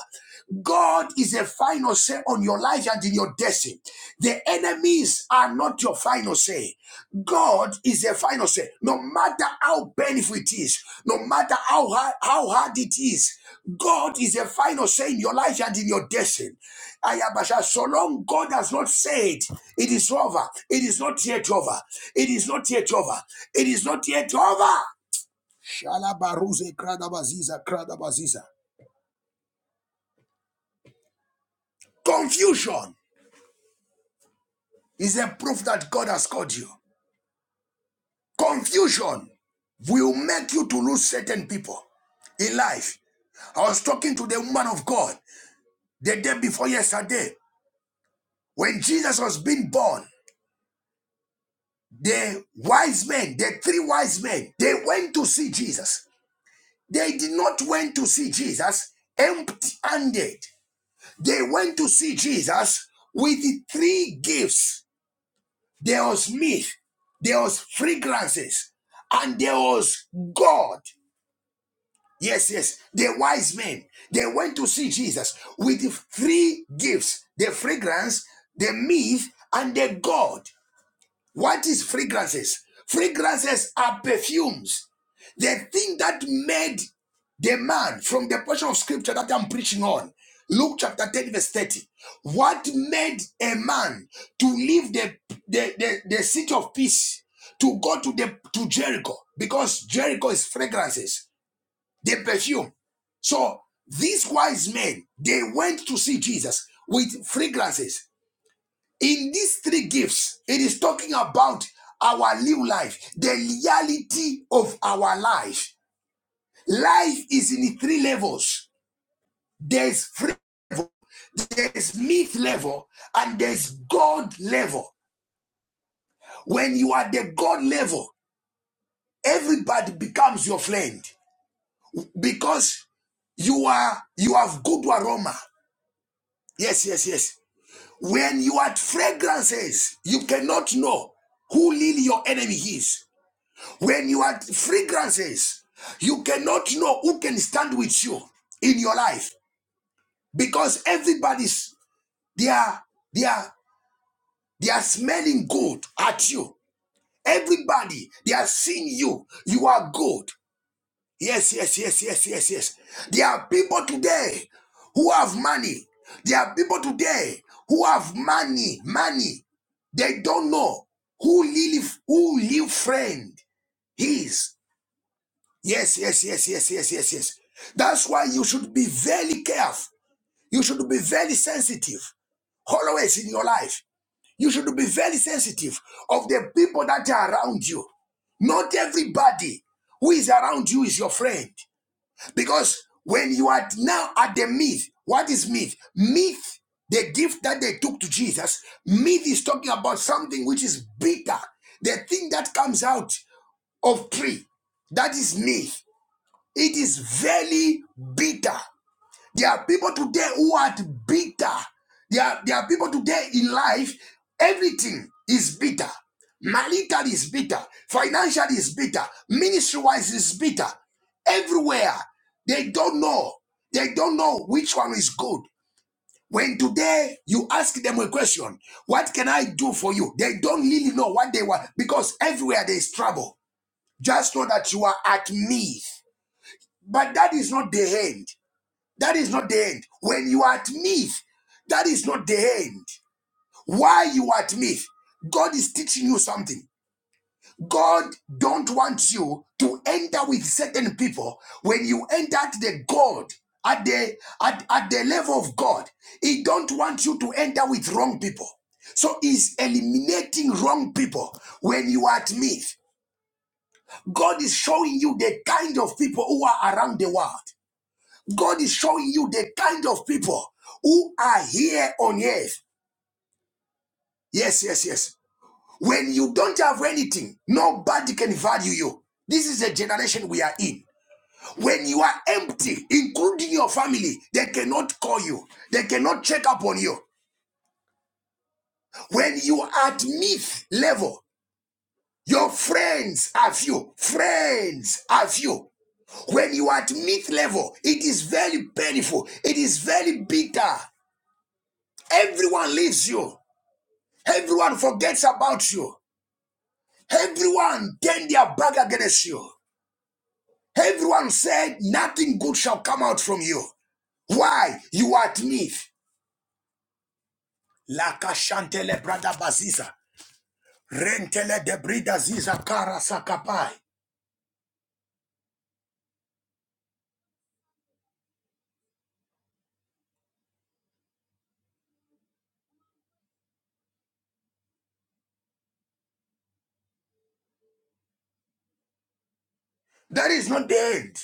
Speaker 1: God is a final say on your life and in your destiny. The enemies are not your final say. God is a final say. No matter how painful it is, no matter how hard, how hard it is, God is a final say in your life and in your destiny. Ayabasha, so long God has not said it is over, it is not yet over, it is not yet over, it is not yet over. Shalabaruze kradabaziza kradabaziza. Confusion is a proof that God has called you. Confusion will make you to lose certain people in life. I was talking to the woman of God the day before yesterday when Jesus was being born. The wise men, the three wise men, they went to see Jesus. They did not went to see Jesus empty-handed. They went to see Jesus with the three gifts. There was meat, there was fragrances, and there was God. Yes, yes. The wise men, they went to see Jesus with the three gifts the fragrance, the myth, and the God. What is fragrances? Fragrances are perfumes. The thing that made the man from the portion of scripture that I'm preaching on, Luke chapter 10, verse 30. What made a man to leave the, the, the, the city of peace to go to the to Jericho? Because Jericho is fragrances the perfume. So these wise men, they went to see Jesus with fragrances. In these three gifts, it is talking about our new life, the reality of our life. Life is in three levels. There's free, there's myth level and there's God level. When you are the God level, everybody becomes your friend because you are you have good aroma. Yes, yes, yes. When you add fragrances, you cannot know who really your enemy is. When you add fragrances, you cannot know who can stand with you in your life because everybody's they are they are they are smelling good at you. Everybody they are seeing you. You are good. Yes, yes, yes, yes, yes, yes. There are people today who have money. There are people today who have money, money. They don't know who live who live friend is. Yes, yes, yes, yes, yes, yes, yes. That's why you should be very careful. You should be very sensitive always in your life. You should be very sensitive of the people that are around you. Not everybody who is around you is your friend. Because when you are now at the myth, what is myth? Myth, the gift that they took to Jesus, myth is talking about something which is bigger. The thing that comes out of tree, that is myth. It is very bitter. There are people today who are bitter. There are, there are people today in life, everything is bitter. Marital is bitter. Financial is bitter. Ministry wise is bitter. Everywhere. They don't know. They don't know which one is good. When today you ask them a question, what can I do for you? They don't really know what they want because everywhere there is trouble. Just know that you are at me. But that is not the end. That is not the end. When you are at me, that is not the end. Why you are at me? God is teaching you something. God don't want you to enter with certain people. When you enter at the God, at the at, at the level of God, He don't want you to enter with wrong people. So He's eliminating wrong people when you are at me. God is showing you the kind of people who are around the world. God is showing you the kind of people who are here on earth. Yes, yes, yes. When you don't have anything, nobody can value you. This is the generation we are in. When you are empty, including your family, they cannot call you. They cannot check up on you. When you are at myth level, your friends are few. Friends are few. When you are at myth level, it is very painful. It is very bitter. Everyone leaves you. Everyone forgets about you. Everyone turned their back against you. Everyone said, Nothing good shall come out from you. Why? You are beneath. Laka shantele brada baziza. Rentele de brida ziza kara sakapai. That is not the end.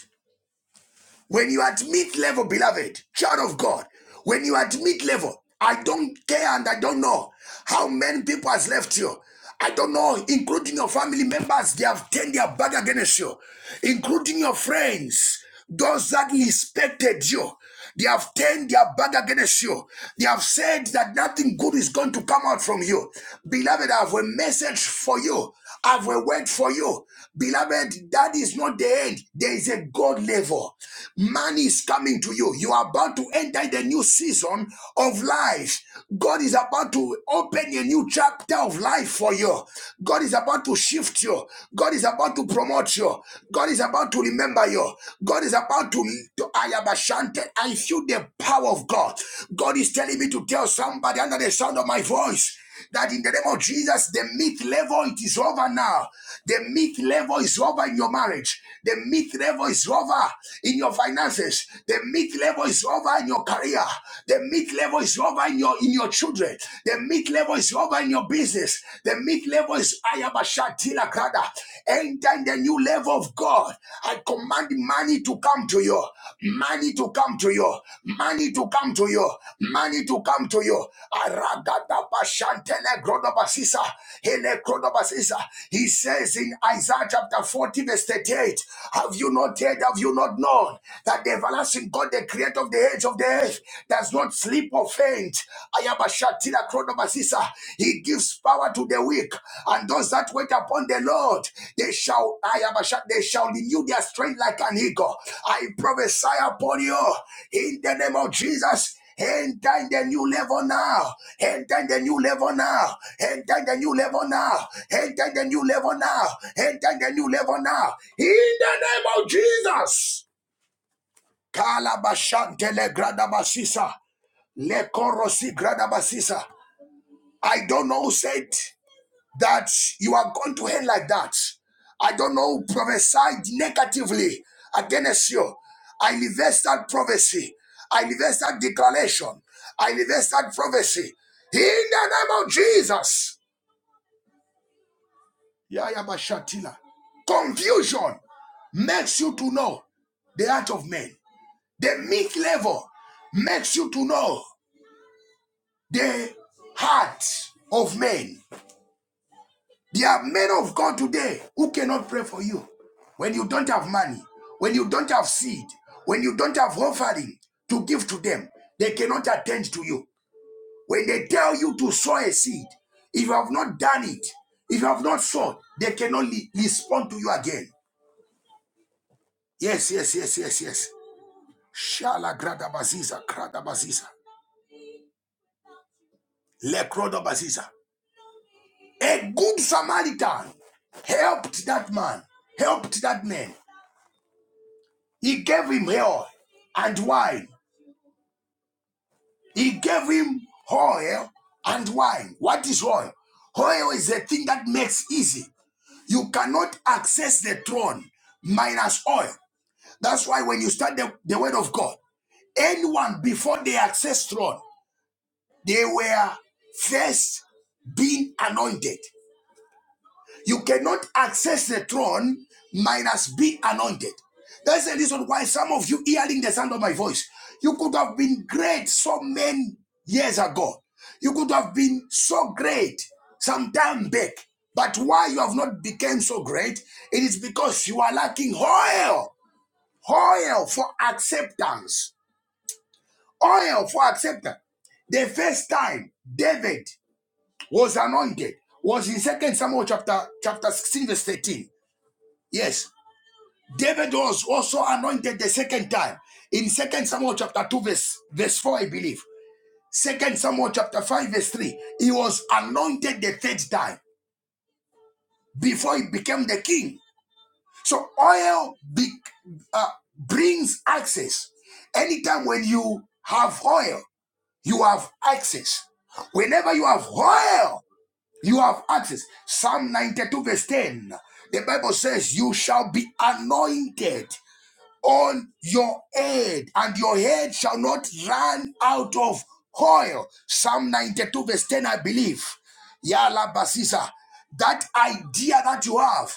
Speaker 1: When you are at mid level, beloved, child of God, when you are at mid level, I don't care and I don't know how many people has left you. I don't know, including your family members, they have turned their back against you, including your friends, those that respected you. They have turned their back against you. They have said that nothing good is going to come out from you. Beloved, I have a message for you. I have a word for you. Beloved, that is not the end. There is a God level. Money is coming to you. You are about to enter the new season of life. God is about to open a new chapter of life for you. God is about to shift you. God is about to promote you. God is about to remember you. God is about to, to I am enchanted. I feel the power of God. God is telling me to tell somebody under the sound of my voice that in the name of Jesus, the myth level it is over now. The myth level is over in your marriage. The myth level is over in your finances. The myth level is over in your career. The myth level is over in your in your children. The myth level is over in your business. The mid level is Ayabashatila Kada. Enter in the new level of God. I command money to come to you. Money to come to you. Money to come to you. Money to come to you. Aragada Bashantele Grodobasisa. Hele Grodobasisa. He says in Isaiah chapter 40, verse 38, Have you not heard? Have you not known that the everlasting God, the creator of the age of the earth, does not sleep? people faint. Ayabashatila kronomasisa. He gives power to the weak, and those that wait upon the Lord, they shall Ayabashat, they shall renew their strength like an eagle. I prophesy upon you in the name of Jesus. Enter in the new level now. Enter in the new level now. Enter in the new level now. Enter in the new level now. Enter in the new level now. In the name of Jesus. Kalabashantele Gradamasisa. Lekorosi gradabasisa. I don't know who said that you are going to hell like that. I don't know who prophesied negatively against you. I reverse that prophecy. I reverse that declaration. I reverse that prophecy. In the name of Jesus. Yaya Bashatila. Confusion makes you to know the heart of men. The meek level makes you to know the heart of men. There are men of God today who cannot pray for you. When you don't have money, when you don't have seed, when you don't have offering to give to them, they cannot attend to you. When they tell you to sow a seed, if you have not done it, if you have not sown, they cannot respond to you again. Yes, yes, yes, yes, yes. Shala grada baziza, grada baziza, lekroda baziza. A good Samaritan helped that man, helped that man. He gave him oil and wine. He gave him oil and wine. What is oil? Oil is a thing that makes easy. You cannot access the throne minus oil. That's why when you start the, the word of God, anyone before they access throne, they were first being anointed. You cannot access the throne minus be anointed. That's the reason why some of you hearing the sound of my voice, you could have been great so many years ago. You could have been so great some time back. But why you have not become so great, it is because you are lacking oil, oil for acceptance, oil for acceptance. The first time David was anointed was in Second Samuel chapter, chapter 16, verse 13 Yes. David was also anointed the second time in Second Samuel chapter 2, verse, verse 4, I believe. Second Samuel chapter 5, verse 3. He was anointed the third time before he became the king. So oil be, uh, brings access. Anytime when you have oil, you have access. Whenever you have oil, you have access. Psalm 92, verse 10. The Bible says, You shall be anointed. on your head, and your head shall not run out of oil. Psalm 92, verse 10, I believe. Yala Basisa. That idea that you have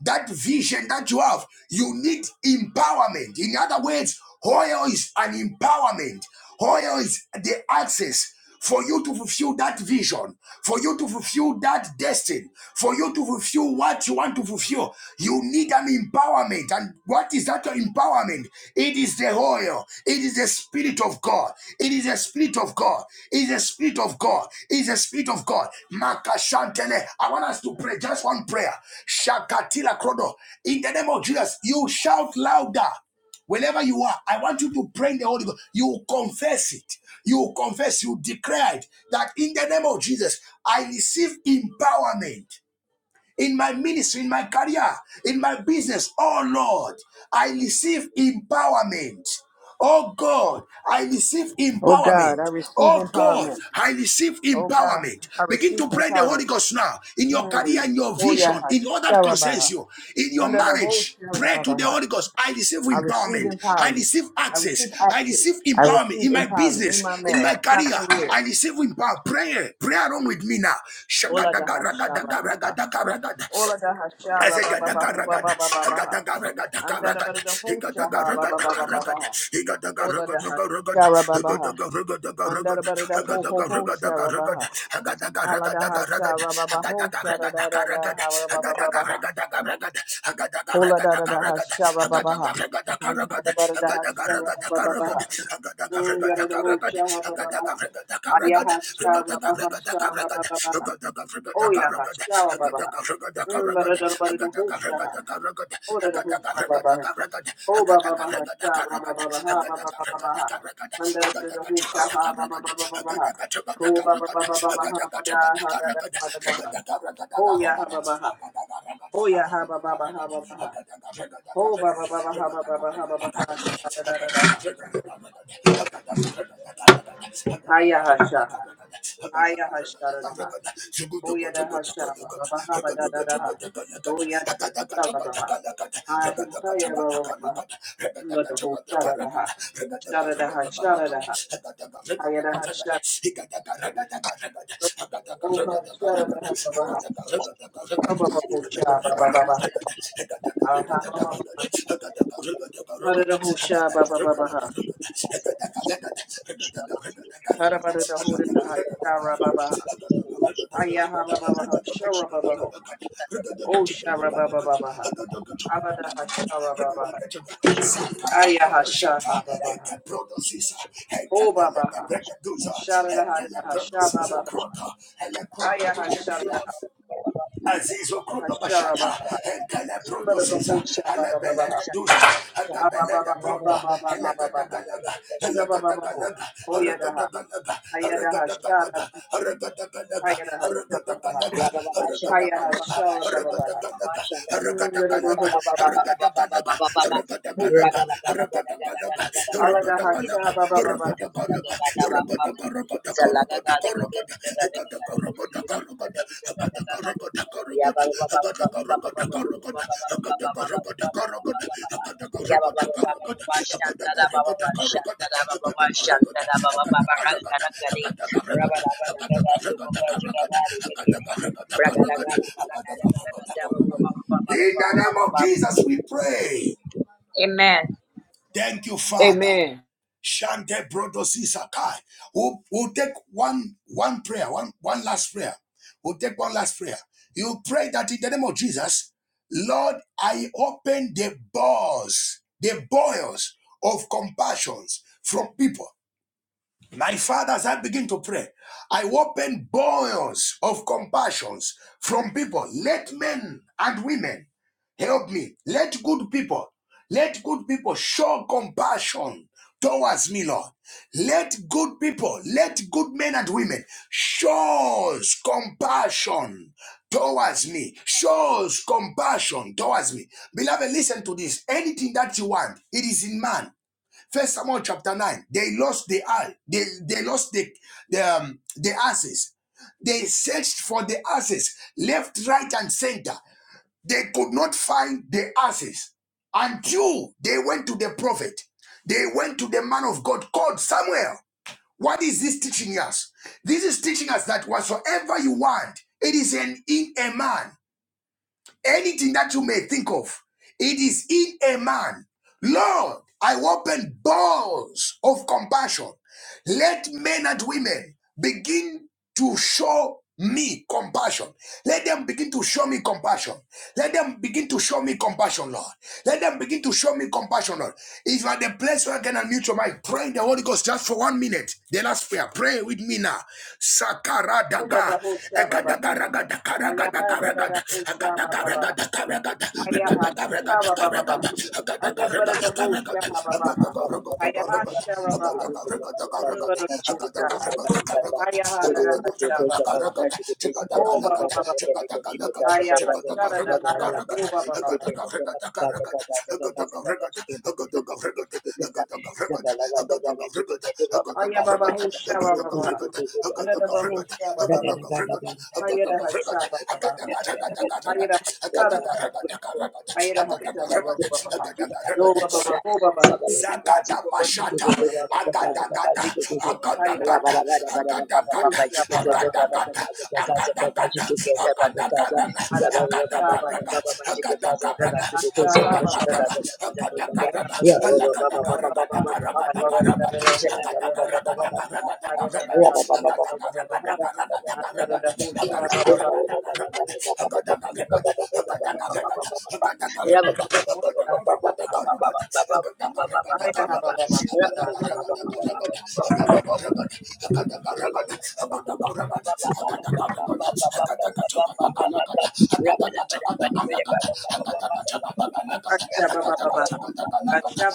Speaker 1: that vision that you have, you need empowerment. In other words, oil is an empowerment. Oil is the access for you to fulfill that vision, for you to fulfill that destiny, for you to fulfill what you want to fulfill. You need an empowerment. And what is that empowerment? It is the oil. It is the spirit of God. God. It is a spirit of God. It is a spirit of God. It is a spirit of God. Makashantele. I want us to pray just one prayer. Shakatila Krodo. In the name of Jesus, you shout louder. Whenever you are, I want you to pray in the Holy Ghost. You confess it. You confess, you declare it that in the name of Jesus, I receive empowerment in my ministry, in my career, in my business. Oh Lord, I receive empowerment. Oh God, I receive
Speaker 2: Oh God, I
Speaker 1: empowerment.
Speaker 2: receive
Speaker 1: Oh God,
Speaker 2: empowerment.
Speaker 1: I receive
Speaker 2: Oh God,
Speaker 1: empowerment.
Speaker 2: I
Speaker 1: Begin
Speaker 2: receive
Speaker 1: to pray the Holy
Speaker 2: empowerment.
Speaker 1: Ghost now in your career,
Speaker 2: Mm.
Speaker 1: in your
Speaker 2: Oh yeah,
Speaker 1: vision, in all that concerns
Speaker 2: Sharabaha.
Speaker 1: you, in your
Speaker 2: Under the whole
Speaker 1: marriage. Pray to the
Speaker 2: Sharabaha.
Speaker 1: Holy Ghost. I receive
Speaker 2: I receive
Speaker 1: empowerment. I
Speaker 2: empowerment.
Speaker 1: receive
Speaker 2: I
Speaker 1: access.
Speaker 2: receive
Speaker 1: I
Speaker 2: access.
Speaker 1: receive
Speaker 2: I
Speaker 1: empowerment
Speaker 2: receive
Speaker 1: in my
Speaker 2: empowerment in
Speaker 1: business,
Speaker 2: my
Speaker 1: in
Speaker 2: marriage,
Speaker 1: my
Speaker 2: in my
Speaker 1: career.
Speaker 2: career.
Speaker 1: I receive empowerment. Prayer. Pray along with me now.
Speaker 2: Ola da ha sha ra ba ha. Ola da ha sha
Speaker 1: I
Speaker 2: ra
Speaker 1: said,
Speaker 2: ba ba ba ho ba
Speaker 1: "Gadagaragada,
Speaker 2: ba ba ba ba ha. Andara
Speaker 1: gadagaragadagaragada,
Speaker 2: bara da ho sha ha ba ba ba ba ba ba
Speaker 1: igadagaragadagaragada,
Speaker 2: ha. Ola da ha sha
Speaker 1: igadagaragadagaragada,
Speaker 2: ra ba ba ha.
Speaker 1: igadagaragadagaragada,
Speaker 2: Andara
Speaker 1: agadagaragadagaragada,
Speaker 2: bara da ho ho ho sha ra ba
Speaker 1: agadagaragadagaragada,
Speaker 2: ha. Hala da ha
Speaker 1: agadagaragadagaragada,
Speaker 2: sha ra ba ba ho sha ra da da da
Speaker 1: agadagaragadagaragada,
Speaker 2: ha ra ba ba ba ba ha.
Speaker 1: agadagaragadagaragada, agadagaragadagaragada,
Speaker 2: Hola da da da ha
Speaker 1: agadagaragadagaragada,
Speaker 2: shaba ba ba ha. Handa da da
Speaker 1: agadagaragadagaragada,
Speaker 2: ba da da ha shaba
Speaker 1: agadagaragadagaragada,
Speaker 2: ba ba ba ba ha. Mm, da da da ho shaba ba ba ba ha. Aya ha shaba ba ha shaba ba ba ba ha.
Speaker 1: agadagaragadagaragada,
Speaker 2: Oh ya ha shaba ba ba
Speaker 1: agadagaragadagaragada,
Speaker 2: ha. Mm, da da da ba da da ho shaba. Oh da da ho shaba ba ha. Oh ba ba ba ha shaba ba ba ba ha ba ba ba ba ba ha. Handa da da da ho shaba ba ba ba ba ba ba ha. Oh ba ba ba ba ba ba ha ba da ha da da ha da da ha. Oh ya ha ba ba ha. Oh ya ha ba ba ba ha ba ba ha. Oh, ba ba ba ba ha ba ba ba ha ba ba ha sha da da da da. Ha
Speaker 1: Hagada
Speaker 2: Ha ya ha sha ha. Ha ya ha sha da da ha. Oh ya da ha sha ba ba ba ha ba da da da ha. Oh ya da ha sha ba ba ha. Ha hi ha ya ba ba ba ba ha. Ba da ho sha da da ha. Sha da da ha sha da da ha. Ha ya da ha sha. Oh ha sha da da ha ba ba ha. Ha
Speaker 1: Hagada
Speaker 2: ba ba ho sha ba ba ba ba ha. Ha ha ba ba ba ha. Ha da da ho sha ba ba ba ba ha. Ha da ba da da ho da da ha sha ra ba ba ha. Ha ya ha ba ba ba ha sha ra ba ba ho. Oh, Sharabababaha. Abadaha Sharababaha.
Speaker 1: Sakata
Speaker 2: Ayaha
Speaker 1: Pradashata,
Speaker 2: Shahababaha.
Speaker 1: Eka Prodosisa, Eka
Speaker 2: Oh,
Speaker 1: Tele de
Speaker 2: Babaha.
Speaker 1: Bregaduza, Eka
Speaker 2: Sharadaha
Speaker 1: Tele Prodosisa
Speaker 3: you.
Speaker 2: Shababaha.
Speaker 1: Crota, Ele Crota
Speaker 2: Ayaha
Speaker 1: Dujetila,
Speaker 2: Sharadaha
Speaker 1: Azizo Krodo Bashata,
Speaker 2: Sharababaha.
Speaker 1: Entele Brodo Siza,
Speaker 2: Mbadabaho
Speaker 1: Alebele
Speaker 2: Shabababaha.
Speaker 1: de Duza, Alebele de
Speaker 2: Abababaho
Speaker 3: Rabba
Speaker 1: Brodo,
Speaker 2: Bababaha
Speaker 1: Elega de
Speaker 2: Babaha.
Speaker 1: Galaga, Elega de
Speaker 2: Shabababaho.
Speaker 1: Galaga, Arega de
Speaker 2: Oyadaha.
Speaker 1: Galaga, Arega
Speaker 2: Ayadaha
Speaker 1: de Galaga,
Speaker 2: Sharadaha.
Speaker 1: Arega de Galaga,
Speaker 2: Ayadaha
Speaker 1: Arega de
Speaker 2: Shababaha.
Speaker 3: Shandada
Speaker 1: Galaga,
Speaker 3: Baba Shandada
Speaker 2: Ayaha
Speaker 3: Baba
Speaker 1: Arega de
Speaker 2: Sharababaha.
Speaker 1: Galaga,
Speaker 3: Shandada
Speaker 1: Arega de
Speaker 2: Mbadabaho
Speaker 1: Galaga,
Speaker 3: Baba
Speaker 1: Arega
Speaker 2: Bababaha.
Speaker 1: de Galaga, Arega de Galaga, Arega de
Speaker 2: Oh,
Speaker 1: Galaga, Arega de Galaga, Arega de Galaga, Arega de Galaga, Arega de Galaga, Arega de
Speaker 2: Aladaha
Speaker 1: Galaga, Arega
Speaker 2: Shabababaha.
Speaker 1: de Galaga, Arega de Galaga, in the
Speaker 3: Baba Ranga Ranga
Speaker 1: name of Jesus, we pray.
Speaker 3: Amen.
Speaker 1: Thank you, Father.
Speaker 2: Amen.
Speaker 1: Shante Brodosi Sakai. We'll, we'll take one one prayer, one one last prayer. We'll take one last prayer. You pray that in the name of Jesus, Lord, I open the doors, the boils of compassions from people. My father, as I begin to pray, I open boils of compassions from people. Let men and women Help me. Let good people, let good people show compassion towards me, Lord. Let good people, let good men and women shows compassion towards me. Shows compassion towards me. Beloved, listen to this. Anything that you want, it is in man. First Samuel chapter 9. They lost the eye. They they lost the the, um, the asses. They for the asses left, right, and center. They could not find this until went to the prophet. They went, man of God, called Samuel. What is this teaching us? This at what? It is in man. Anything that you may think of, it is in a man. Lord, I open doors of compassion. Let men and women begin to show me compassion. Let them begin to show me compassion. Let them begin to show me compassion, Lord. Let them begin to show me compassion, Lord. If you are the place where I can unmute your mind, pray in the Holy Ghost just for one minute. The last prayer. Pray with me now. Sakara daga.
Speaker 2: Baba Husha baba Ayaha da da da
Speaker 1: Egadagaragadagaragadagaraga.
Speaker 2: Usha Baba
Speaker 1: Agadagaragadagaraga.
Speaker 2: Baha. Ayaha Shaba Baba Baha.
Speaker 1: Regadagaragadagaraga.
Speaker 2: Under the Bada da
Speaker 1: Agadagaragadagaraga.
Speaker 3: Zabala
Speaker 2: Usha Baba Baha. Ayaha
Speaker 1: Agadagaragadagaraga. I got
Speaker 2: Shaba
Speaker 1: Agada
Speaker 2: Baha. Under the Usha. Ayaha da da Shaba Baha. Oh Baba Baba. Ayaha Shara da Hara da. Oh Baba Baba. Ayah Baba Usha Baba Baha. Under the Usha Baba ayah Ayaha Shaba Baba ayah da Baha. Ayada hasha baba baba Yo baba baba baba ha.
Speaker 1: Zagada Bashata Agadagada Agadagada Agadagada
Speaker 2: Osha baba ha.
Speaker 1: Agadagada Agadagada Agadagada Agadagada
Speaker 2: Ayada hasha baba
Speaker 1: Agadagada
Speaker 2: baba. Ayada hasha baba
Speaker 1: Agadagada
Speaker 2: baba. Ayada
Speaker 1: Agadagada
Speaker 2: hasha baba baba ha. Ayada da da da
Speaker 1: Alagadagaragadagaragadagaraga
Speaker 2: da ho
Speaker 1: I
Speaker 2: sha da da
Speaker 3: Ya,
Speaker 2: Ayada da hasha baba baba Ayada da ho baba baba. Osha hasha. Ayada baba baba.
Speaker 1: Hagada Rugada,
Speaker 2: Hasha baba baba ha.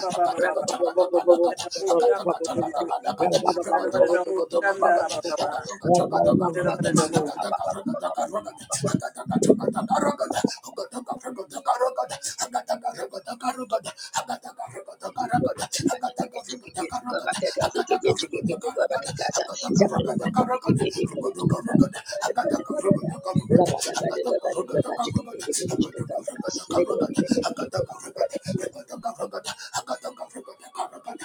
Speaker 2: baba baba Ayada ho baba baba.
Speaker 1: Rugada,
Speaker 3: Thank you.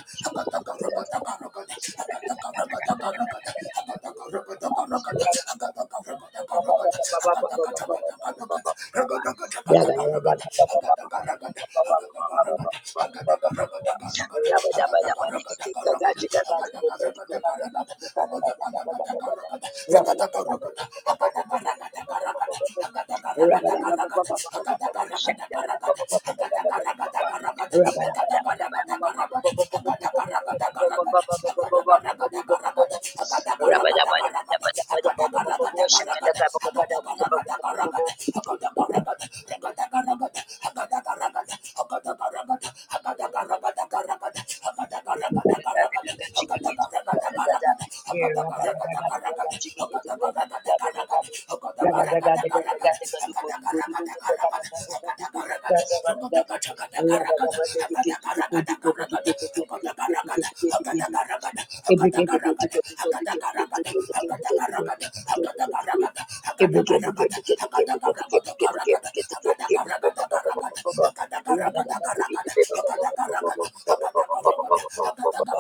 Speaker 3: Rabba
Speaker 1: Agada Hagada, Ragada,
Speaker 3: Rabba Every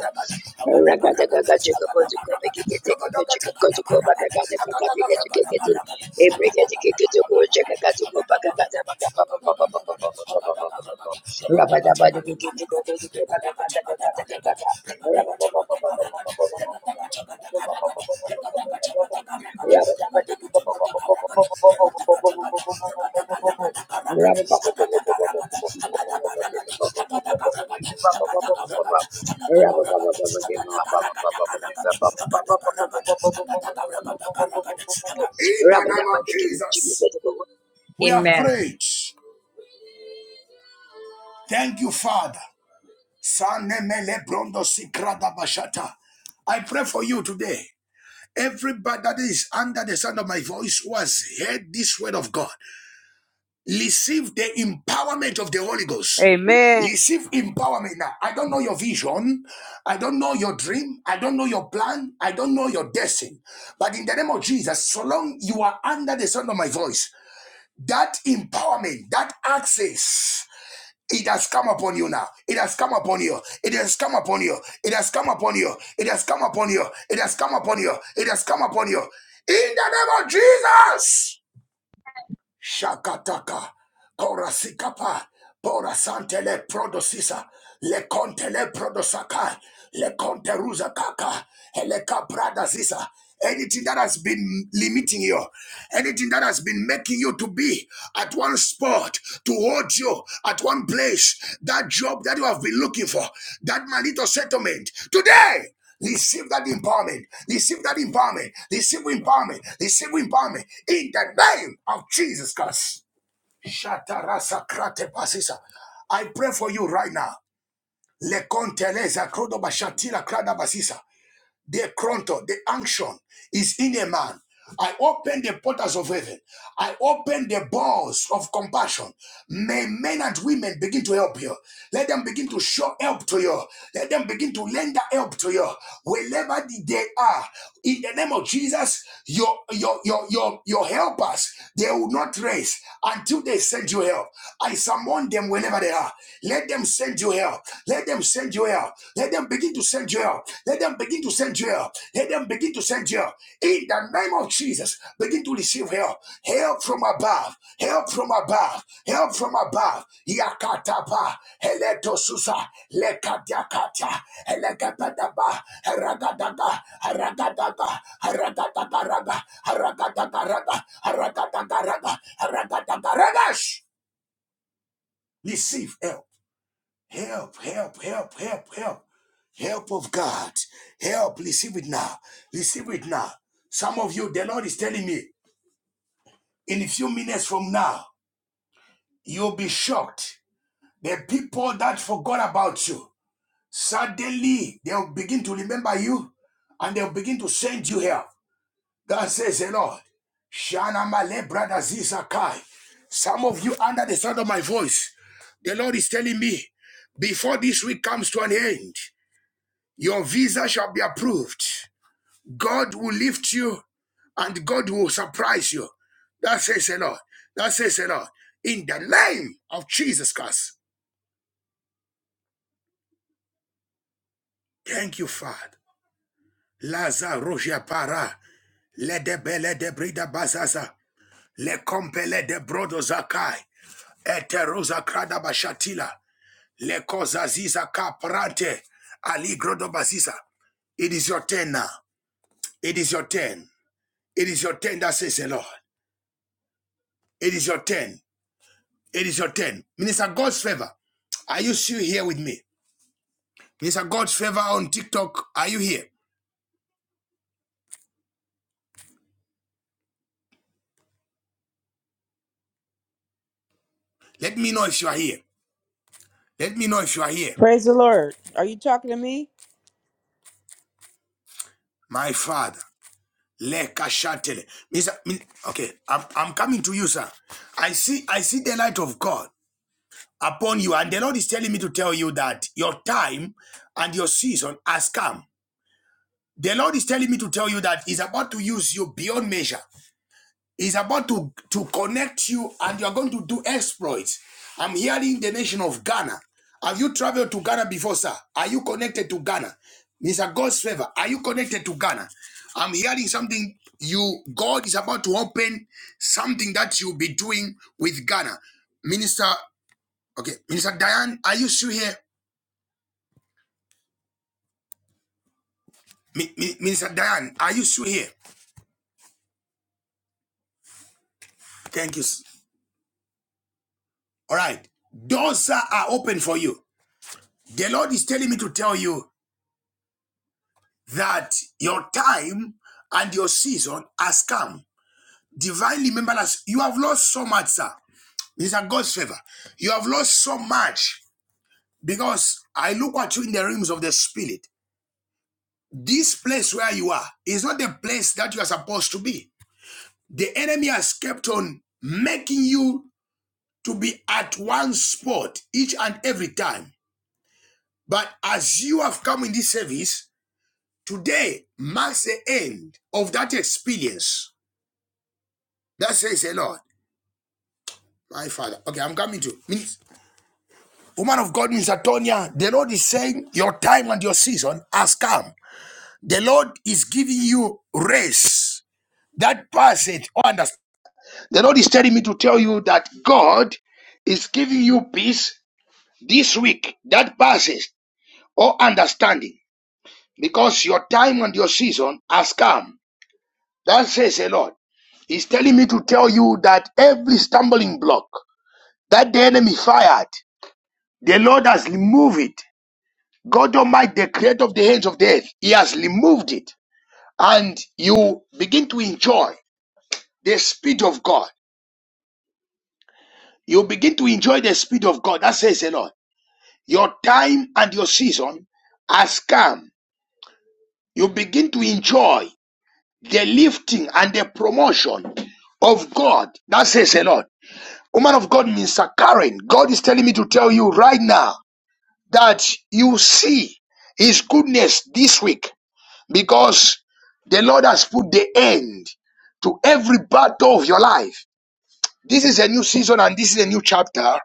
Speaker 3: Rabba
Speaker 1: in the name of Jesus. We have
Speaker 3: Amen.
Speaker 1: prayed. Thank you, Father. Sanemele brondo sikrada bashata. I pray for you today. Everybody that is under the sound of my voice who has heard this word of God, receive the empowerment of the Holy Ghost.
Speaker 2: Amen.
Speaker 1: Receive empowerment now. I don't know your vision. I don't know your dream. I don't know your plan. I don't know your destiny. But in the name of Jesus, so long you are under the sound of my voice, that empowerment, that access It has come upon you now. It has come upon you. It has come upon you. It has come upon you. It has come upon you. It has come upon you. It has come upon you. In the name of Jesus. Shakataka. Korasikapa, Pora Santele Prodosisa, Le Contele Prodosaka, Le Conteruza Kaka, Eleka Pradasisa. Anything that has been limiting you, anything that has been making you to be at one spot, to hold you at one place, that job that you have been looking for, that malito settlement, today receive that empowerment, receive that empowerment, receive empowerment, receive empowerment in the name of Jesus Christ. Shatarasa krate basisa. I pray for you right now. Lekonteleza krodo bashatila krada basisa the chronto, the unction is in a man. I open the portals of heaven. I open the doors of compassion. May men and women begin to help you. Let them begin to show help to you. Let them begin to lend help to you wherever they are. In the name of Jesus, your your your your your helpers they will not race until they send you help. I summon them whenever they are. Let them send you help. Let them send you help. Let them begin to send you help. Let them begin to send you help. Let them begin to send you help. In the name of Jesus, begin to receive help. Help from above. Help from above. Help from above. Yakataba. Heleto susa. Lekadiakata. Helekadadaba. Haragadada. Haragadada. Haragadagaraga. Haragadagaraga. Haragadagaraga. Haragadagaraga. Receive help. Help, help, help, help, help. Help of God. Help. Receive it now. Receive it now. Some of you, the Lord is telling me, in a few minutes from now, you'll be shocked. The people that forgot about you, suddenly they'll begin to remember you and they'll begin to send you help. God says, the Lord, Shana Male, brother Zizakai. Some of you under the sound of my voice, the Lord is telling me, before this week comes to an end, Your visa shall be approved. God will lift you and God will surprise you. That says the Lord. That says the Lord. In the name of Jesus Christ. Thank you, Father. Laza roja para. Le de bele de brida bazaza. Le compele de brodo zakai. Eterosa krada bashatila. Le koza ziza kaprate. Ali grodo baziza. It is your turn now. It is your turn. It is your turn that says the Lord. It is your turn. It is your turn. Minister God's favor. Are you still here with me? Minister God's favor on TikTok. Are you here? Let me know if you are here. Let me know if you are here. My father. Lekashatele. Minister, okay, I'm, I'm coming to you, sir. I see I see the light of God upon you, and the Lord is telling me to tell you that your time and your season has come. The Lord is telling me to tell you that He's about to use you beyond measure. Is about to, to connect you and you're going to do exploits. I'm hearing the nation of Ghana. Have you traveled to Ghana before, sir? Are you connected to Ghana? Mr. God's favor, are you connected to Ghana? I'm hearing something you God is about to open something that you'll be doing with Ghana. Minister, okay, Minister Diane, are you still here? Mi- Mi- Minister Diane, are you still here? Thank you. All right. Doors are open for you. The Lord is telling me to tell you that your time and your season has come. Divinely, remember You have lost so much, sir. It's a God's favor. You have lost so much because I look at you in the realms of the spirit. This place where you are is not the place that you are supposed to be. The enemy has kept on making you to be at one spot each and every time. But as you have come in this service, today marks the end of that experience. That says a lot. My father. Okay, I'm coming to Minis- woman of God, Miss Antonia. The Lord is saying your time and your season has come. The Lord is giving you rest. That passage, oh, understand. The Lord is telling me to tell you that God is giving you peace this week. That passes all understanding because your time and your season has come. That says the Lord. He's telling me to tell you that every stumbling block that the enemy fired, the Lord has removed it. God Almighty, the creator of the ends of the earth, He has removed it. And you begin to enjoy the speed of God. You begin to enjoy the speed of God. That says the Lord. Your time and your season has come. You begin to enjoy the lifting and the promotion of God. That says the Lord. Woman of God, Mr. Karen, God is telling me to tell you right now that you see His goodness this week because the Lord has put the end to every battle of your life. This is a new season and this is a new chapter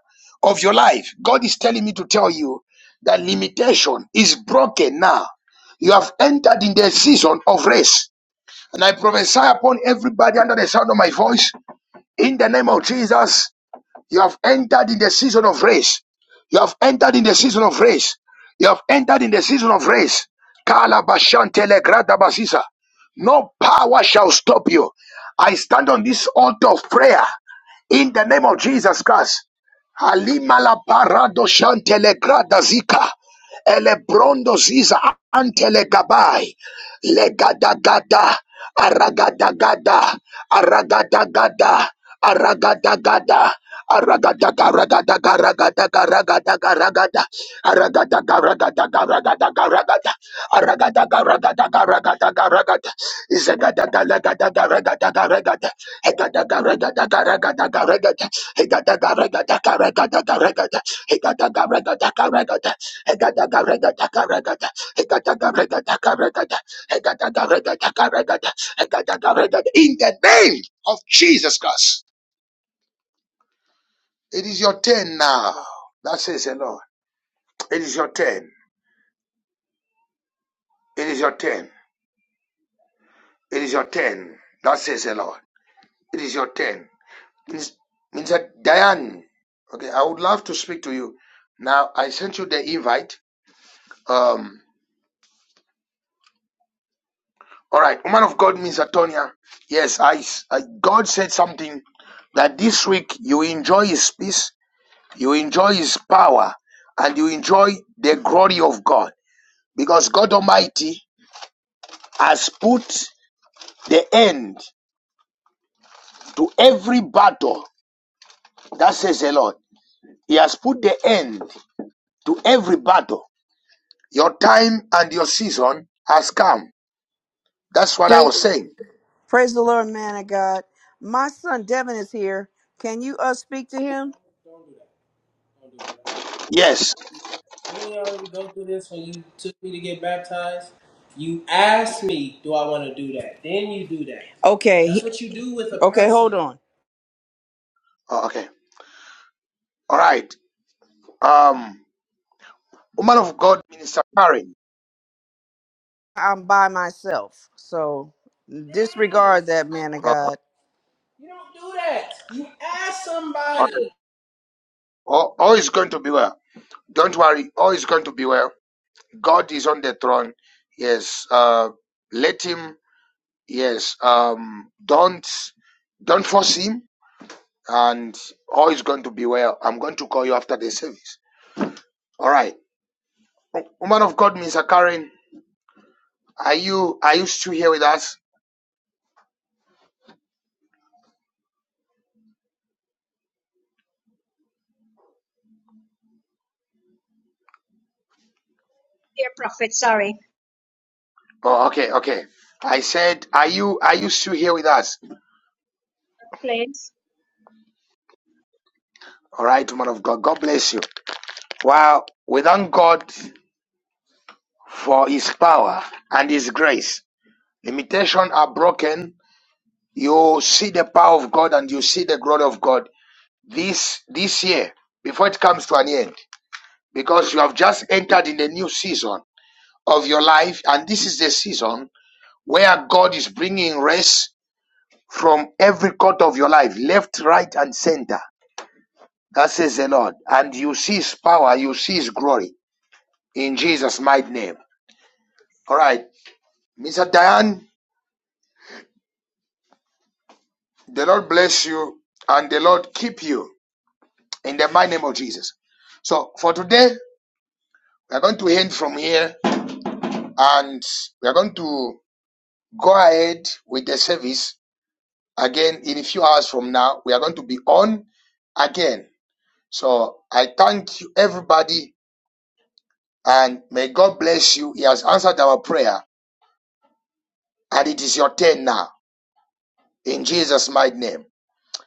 Speaker 1: of your life. God is telling me to tell you that limitation is broken now. You have entered in the season of rest. And I prophesy upon everybody under the sound of my voice in the name of Jesus. You have entered in the season of race. You have entered in the season of race. You have entered in the season of race. Kalabashantele gradabasisa. No power shall stop you. I stand on this altar of prayer in the name of Jesus Christ. Halimala parado shantele gradazika. Elebrondo ziza antele gabai. Legadagada, aragadagada, aragadagada, aragadagada, aragadaga, ragadaga, ragadaga, ragadaga, ragada, aragadaga, ragadaga, ragadaga, ragada, aragadaga, ragadaga, ragadaga, ragada, izagadaga, lagadaga, ragadaga, ragada, hegadaga, ragadaga, ragadaga, ragada, hegadaga, ragadaga, ragadaga, ragada, hegadaga, ragadaga, ragada, hegadaga, ragadaga, ragada, hegadaga, ragadaga, ragada, in the name of Jesus Christ, it is your turn now. That says the Lord. It is your turn. It is your turn. It is your turn. That says the Lord. It is your turn. Minis- Minister Diane, okay, I would love to speak to you. Now, I sent you the invite. Um, all right, woman of God, Miss Antonia. Yes, I, I, God said something that this week you enjoy His peace You enjoy His power and you enjoy the glory of God because God Almighty has put the end to every battle. That says the Lord. He has put the end to every battle. Your time and your season has come. That's what I was saying.
Speaker 2: Praise the Lord. Son Devin is here. Can you uh speak to him?
Speaker 1: Yes.
Speaker 2: Didn't we already go through this when you took me to get baptized? You asked me, do I want to do that? Then you do that. Okay. That's what you do with a Okay, person. hold person. on.
Speaker 1: Oh, okay. All right. Um, woman of God, Minister Karen.
Speaker 2: I'm by myself. So disregard that man of
Speaker 1: Uh,
Speaker 2: God. You don't do that. You ask
Speaker 1: okay.
Speaker 2: somebody.
Speaker 1: All, all is going to be well. Don't worry. All is going to be well. God is on the throne. Yes. Uh, let him. Yes. Um, don't don't force him, and all is going to be well. I'm going to call you after the service. All right, O- woman of God, Mister Karen, are you are you still here with us?
Speaker 3: Dear Prophet, sorry.
Speaker 1: Oh, okay, okay. I said, are you are you still here with us?
Speaker 3: Please.
Speaker 1: All right, woman of God, God bless you. Wow, we thank God for His power and His grace. Limitations are broken you see the power of God and you see the glory of God this this year before it comes to an end because you have just entered in the new season of your life and this is the season where God is bringing rest from every quarter of your life left right and center that says the Lord and you see his power you see his glory in Jesus mighty name all right Mr. Diane the Lord bless you and the Lord keep you in the mighty name of Jesus so for today We're going to end from here and we're going to go ahead with the service again in a few hours from now. We are going to be on again. So I thank you, everybody, and may God bless you. He has answered our prayer, and it is your turn now in Jesus' mighty name.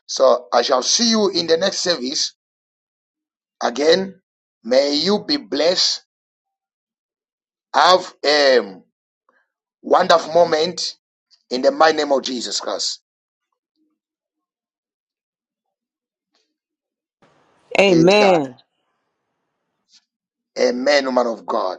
Speaker 1: So I shall see you in the next service again. May you be blessed. Have a wonderful moment in the mighty name of Jesus Christ. It is done.
Speaker 2: Amen.
Speaker 1: Amen, woman of God.